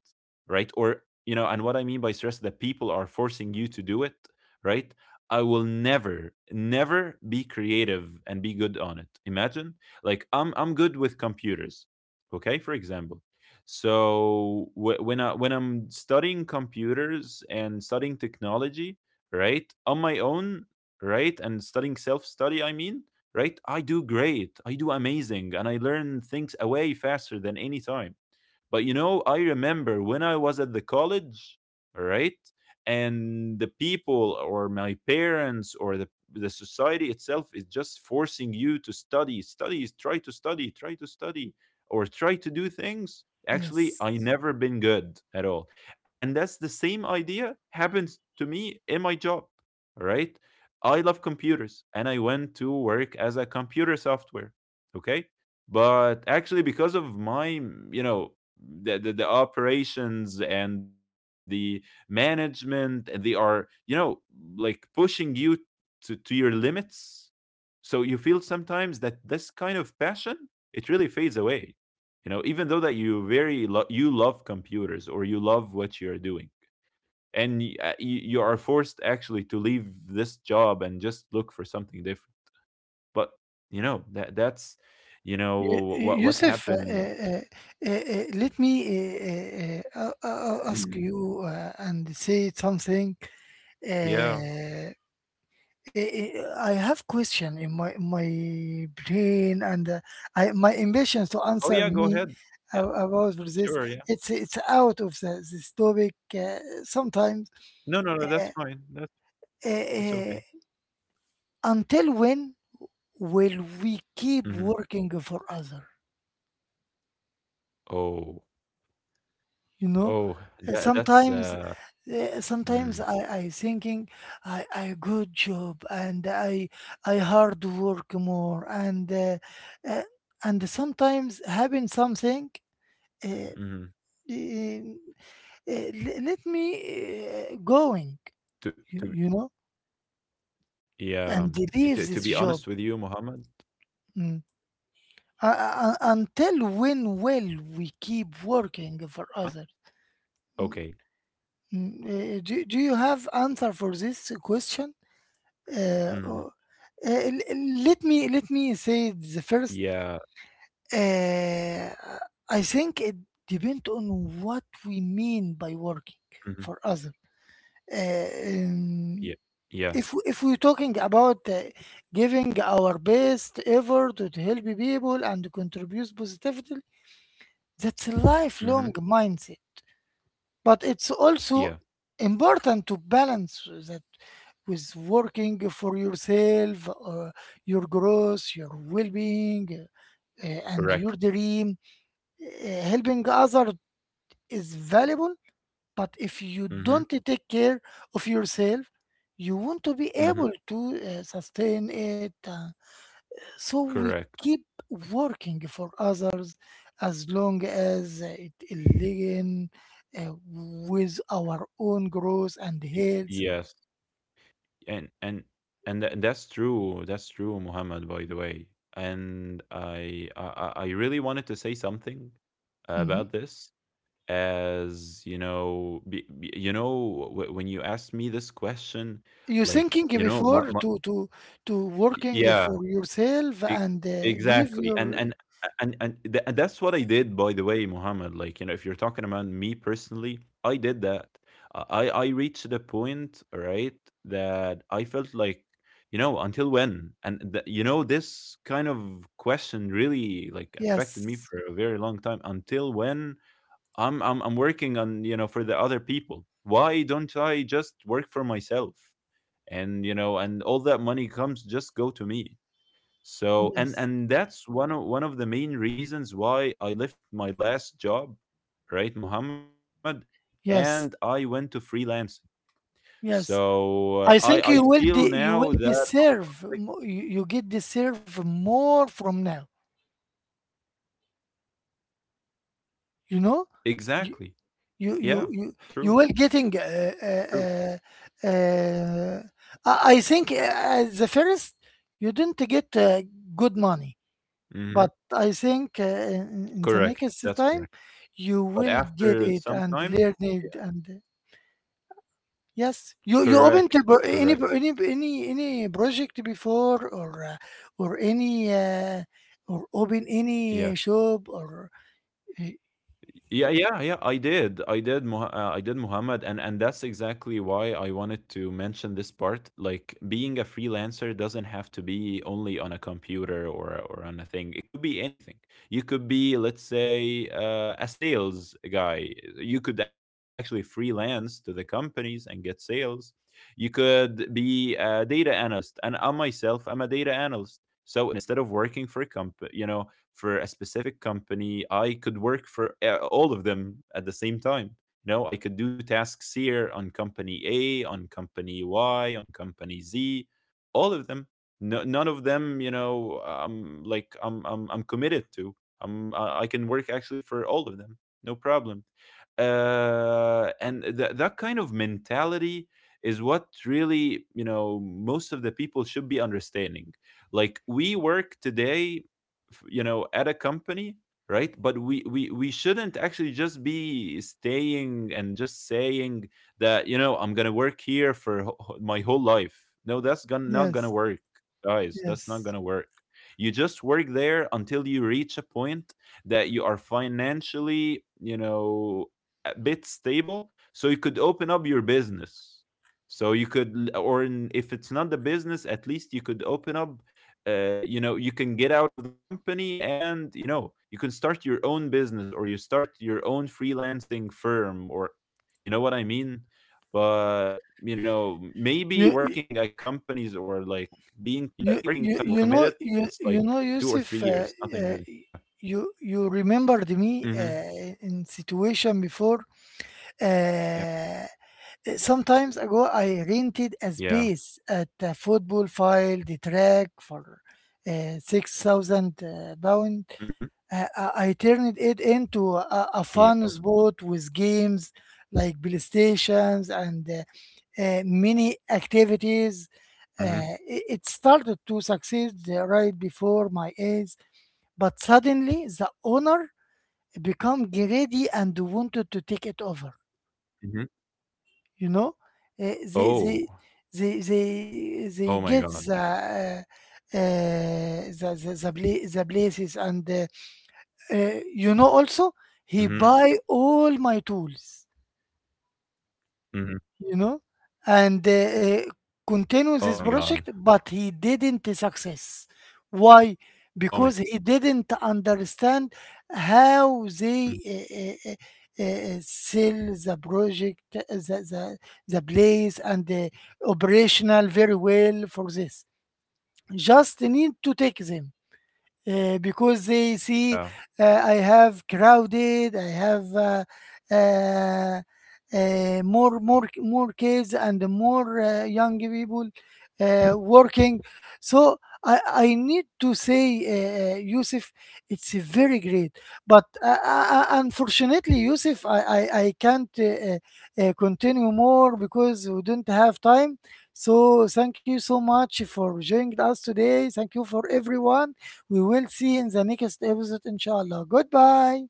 [SPEAKER 2] right? Or you know, and what I mean by stress, that people are forcing you to do it, right? I will never, never be creative and be good on it. Imagine, like I'm good with computers, okay? For example, so when I'm studying computers and studying technology, right? On my own, right? And studying self study, I mean, right? I do great. I do amazing. And I learn things away faster than any time. But you know, I remember when I was at the college, right? And the people or my parents or the society itself is just forcing you to study, study, try to study, try to study, or try to do things. Actually, I
[SPEAKER 1] Yes.
[SPEAKER 2] never been good at all. And that's the same idea happens to me in my job, right? I love computers and I went to work as a computer software, okay? But actually because of my, you know, the, the operations and the management, and they are, you know, like pushing you to your limits, so you feel sometimes that this kind of passion, it really fades away. You know, even though that you very you love computers or you love what you're doing, and you, you are forced actually to leave this job and just look for something different. But you know that that's, you know,
[SPEAKER 1] Y-
[SPEAKER 2] what
[SPEAKER 1] Yusuf,
[SPEAKER 2] happened.
[SPEAKER 1] let me ask
[SPEAKER 2] Mhm.
[SPEAKER 1] you and say something.
[SPEAKER 2] Yeah.
[SPEAKER 1] Uh, I have question in my brain and I, my ambition to answer
[SPEAKER 2] Oh, yeah, go
[SPEAKER 1] me
[SPEAKER 2] ahead. Yeah,
[SPEAKER 1] about for this.
[SPEAKER 2] sure, yeah.
[SPEAKER 1] It's out of this topic sometimes.
[SPEAKER 2] No, no, no,
[SPEAKER 1] Uh,
[SPEAKER 2] that's fine. That's
[SPEAKER 1] uh,
[SPEAKER 2] it's
[SPEAKER 1] uh,
[SPEAKER 2] okay.
[SPEAKER 1] until when will we keep
[SPEAKER 2] Mhm.
[SPEAKER 1] working for others?
[SPEAKER 2] Oh,
[SPEAKER 1] you know
[SPEAKER 2] oh,
[SPEAKER 1] Uh,
[SPEAKER 2] that that's,
[SPEAKER 1] sometimes sometimes
[SPEAKER 2] mm,
[SPEAKER 1] I thinking I good job and I hard work more and uh, sometimes having something uh,
[SPEAKER 2] mhm.
[SPEAKER 1] uh, let me
[SPEAKER 2] To
[SPEAKER 1] going you, you know
[SPEAKER 2] yeah, it to be
[SPEAKER 1] and
[SPEAKER 2] honest with you,
[SPEAKER 1] leave this
[SPEAKER 2] Mohammed,
[SPEAKER 1] job mm.
[SPEAKER 2] y yeah,
[SPEAKER 1] Until when will we keep working for
[SPEAKER 2] okay.
[SPEAKER 1] others? Mm, mm, do you have answer for this question?
[SPEAKER 2] Mhm.
[SPEAKER 1] Uh, uh, let me
[SPEAKER 2] Yeah,
[SPEAKER 1] say the first. Uh, I think it depends on what we
[SPEAKER 2] mhm.
[SPEAKER 1] mean by working for others.
[SPEAKER 2] Yeah,
[SPEAKER 1] Uh,
[SPEAKER 2] yeah,
[SPEAKER 1] um, if we're talking about giving our best effort to help people and contribute positively, that's a
[SPEAKER 2] mhm.
[SPEAKER 1] lifelong mindset, but
[SPEAKER 2] Yeah,
[SPEAKER 1] it's also important to balance that with working for yourself or your growth, your well-being, and
[SPEAKER 2] correct.
[SPEAKER 1] your dream. Helping others is valuable, but if you
[SPEAKER 2] Mhm,
[SPEAKER 1] don't take care of yourself you won't be
[SPEAKER 2] mhm.
[SPEAKER 1] able to sustain it. So we
[SPEAKER 2] Correct.
[SPEAKER 1] keep working for others as long as it align, uh, with our own growth and health.
[SPEAKER 2] Y yes. and and and that's true, that's true, Muhammad, by the way. And I really wanted to say something
[SPEAKER 1] Mhm.
[SPEAKER 2] about this, as you know, you know, when you asked me this question,
[SPEAKER 1] You
[SPEAKER 2] like,
[SPEAKER 1] thinking
[SPEAKER 2] you know,
[SPEAKER 1] before to to working
[SPEAKER 2] yeah.
[SPEAKER 1] for yourself
[SPEAKER 2] E
[SPEAKER 1] and leave
[SPEAKER 2] Exactly, and
[SPEAKER 1] your.
[SPEAKER 2] and and and tha and that's what I did, by the way, Mohammed. Like, you know, if you're talking about me personally, I did that. I reached the point, right, that I felt like, you know, until when? And th you know, this kind of question really, like, affected me
[SPEAKER 1] Yes,
[SPEAKER 2] for a very long time. Until when I'm working on, you know, for the other people. Why don't I just work for myself? And, you know, and all that money comes just go to me. So and
[SPEAKER 1] yes,
[SPEAKER 2] and that's one of the main reasons why I left my last job, right, Muhammad, and I went to
[SPEAKER 1] yes,
[SPEAKER 2] freelancing. So
[SPEAKER 1] yes.
[SPEAKER 2] I
[SPEAKER 1] I
[SPEAKER 2] feel
[SPEAKER 1] think you will
[SPEAKER 2] now that
[SPEAKER 1] you will
[SPEAKER 2] like,
[SPEAKER 1] deserve you get deserve more from now. You know,
[SPEAKER 2] exactly.
[SPEAKER 1] you
[SPEAKER 2] Yeah,
[SPEAKER 1] you you
[SPEAKER 2] true.
[SPEAKER 1] you will getting
[SPEAKER 2] True.
[SPEAKER 1] uh, uh, I think at the first you didn't get good money,
[SPEAKER 2] Hmm.
[SPEAKER 1] but I think in
[SPEAKER 2] Correct.
[SPEAKER 1] the
[SPEAKER 2] That's
[SPEAKER 1] next
[SPEAKER 2] correct.
[SPEAKER 1] time you
[SPEAKER 2] But
[SPEAKER 1] will
[SPEAKER 2] after
[SPEAKER 1] get
[SPEAKER 2] some
[SPEAKER 1] it and
[SPEAKER 2] time,
[SPEAKER 1] learn
[SPEAKER 2] yeah.
[SPEAKER 1] it and yes, you open
[SPEAKER 2] Correct.
[SPEAKER 1] to
[SPEAKER 2] Correct.
[SPEAKER 1] any any project before or any or open
[SPEAKER 2] Yeah.
[SPEAKER 1] any shop or uh,
[SPEAKER 2] Yeah, yeah, yeah. I did, I did, I did Muhammad, and that's exactly why I wanted to mention this part. Like being a freelancer doesn't have to be only on a computer or on a thing. It could be anything. You could be, let's say, a sales guy. You could actually freelance to the companies and get sales. You could be a data analyst, and I myself, I'm a data analyst. So instead of working for a company, you know, for a specific company, I could work for all of them at the same time. You know, I could do tasks here on company A, on company Y, on company Z, all of them. No, none of them, you know, I'm committed to. I can work actually for all of them, no problem. And that kind of mentality is what really, you know, most of the people should be understanding. Like, we work today, you know, at a company, right? But we shouldn't actually just be staying and just saying that, you know, I'm gonna work here for my whole life. No, that's gonna not gonna
[SPEAKER 1] yes,
[SPEAKER 2] work, guys. That's not
[SPEAKER 1] yes.
[SPEAKER 2] gonna work. You just work there until you reach a point that you are financially, you know, a bit stable, so you could open up your business. So you could if it's not the business, at least you could open up, you know, you can get out of the company, and you know, you can start your own business or you start your own freelancing firm, or you know what I mean. But you know, maybe
[SPEAKER 1] You,
[SPEAKER 2] working at companies or like being committed, it's
[SPEAKER 1] You
[SPEAKER 2] like
[SPEAKER 1] know
[SPEAKER 2] two or three years
[SPEAKER 1] Yusuf,
[SPEAKER 2] nothing really. Yeah.
[SPEAKER 1] uh, you remembered me
[SPEAKER 2] Hmm.
[SPEAKER 1] in situation before. Uh, Sometimes ago, I rented
[SPEAKER 2] Yeah.
[SPEAKER 1] a space at a football field track for 6,000 pound.
[SPEAKER 2] Hmm.
[SPEAKER 1] I turned it into a fun
[SPEAKER 2] Yeah.
[SPEAKER 1] spot with games like PlayStations and many activities.
[SPEAKER 2] Hmm.
[SPEAKER 1] It started to succeed right before my eyes, but suddenly the owner become greedy and wanted to take it over.
[SPEAKER 2] Hmm.
[SPEAKER 1] You know. Uh, they they
[SPEAKER 2] Oh,
[SPEAKER 1] they they
[SPEAKER 2] oh my
[SPEAKER 1] they
[SPEAKER 2] god.
[SPEAKER 1] get the. Uh, places, and also
[SPEAKER 2] Hmm.
[SPEAKER 1] he buy all my tools
[SPEAKER 2] Hmm.
[SPEAKER 1] you know, and
[SPEAKER 2] Oh my
[SPEAKER 1] continue this
[SPEAKER 2] god.
[SPEAKER 1] project, but he didn't success. Why? Because he didn't understand how they sell the project, the place, and the
[SPEAKER 2] Mm-hmm.
[SPEAKER 1] operational very well for this. Just need to take them because they
[SPEAKER 2] Yeah.
[SPEAKER 1] see I have crowded, I have uh, more kids and
[SPEAKER 2] Hmm.
[SPEAKER 1] more young people working. So I need to say, Yusuf, it's very great. But unfortunately, Yusuf, I can't continue more because we don't have time. So thank you so much for joining us today. Thank you for everyone, we will see in the next episode, inshallah. Goodbye.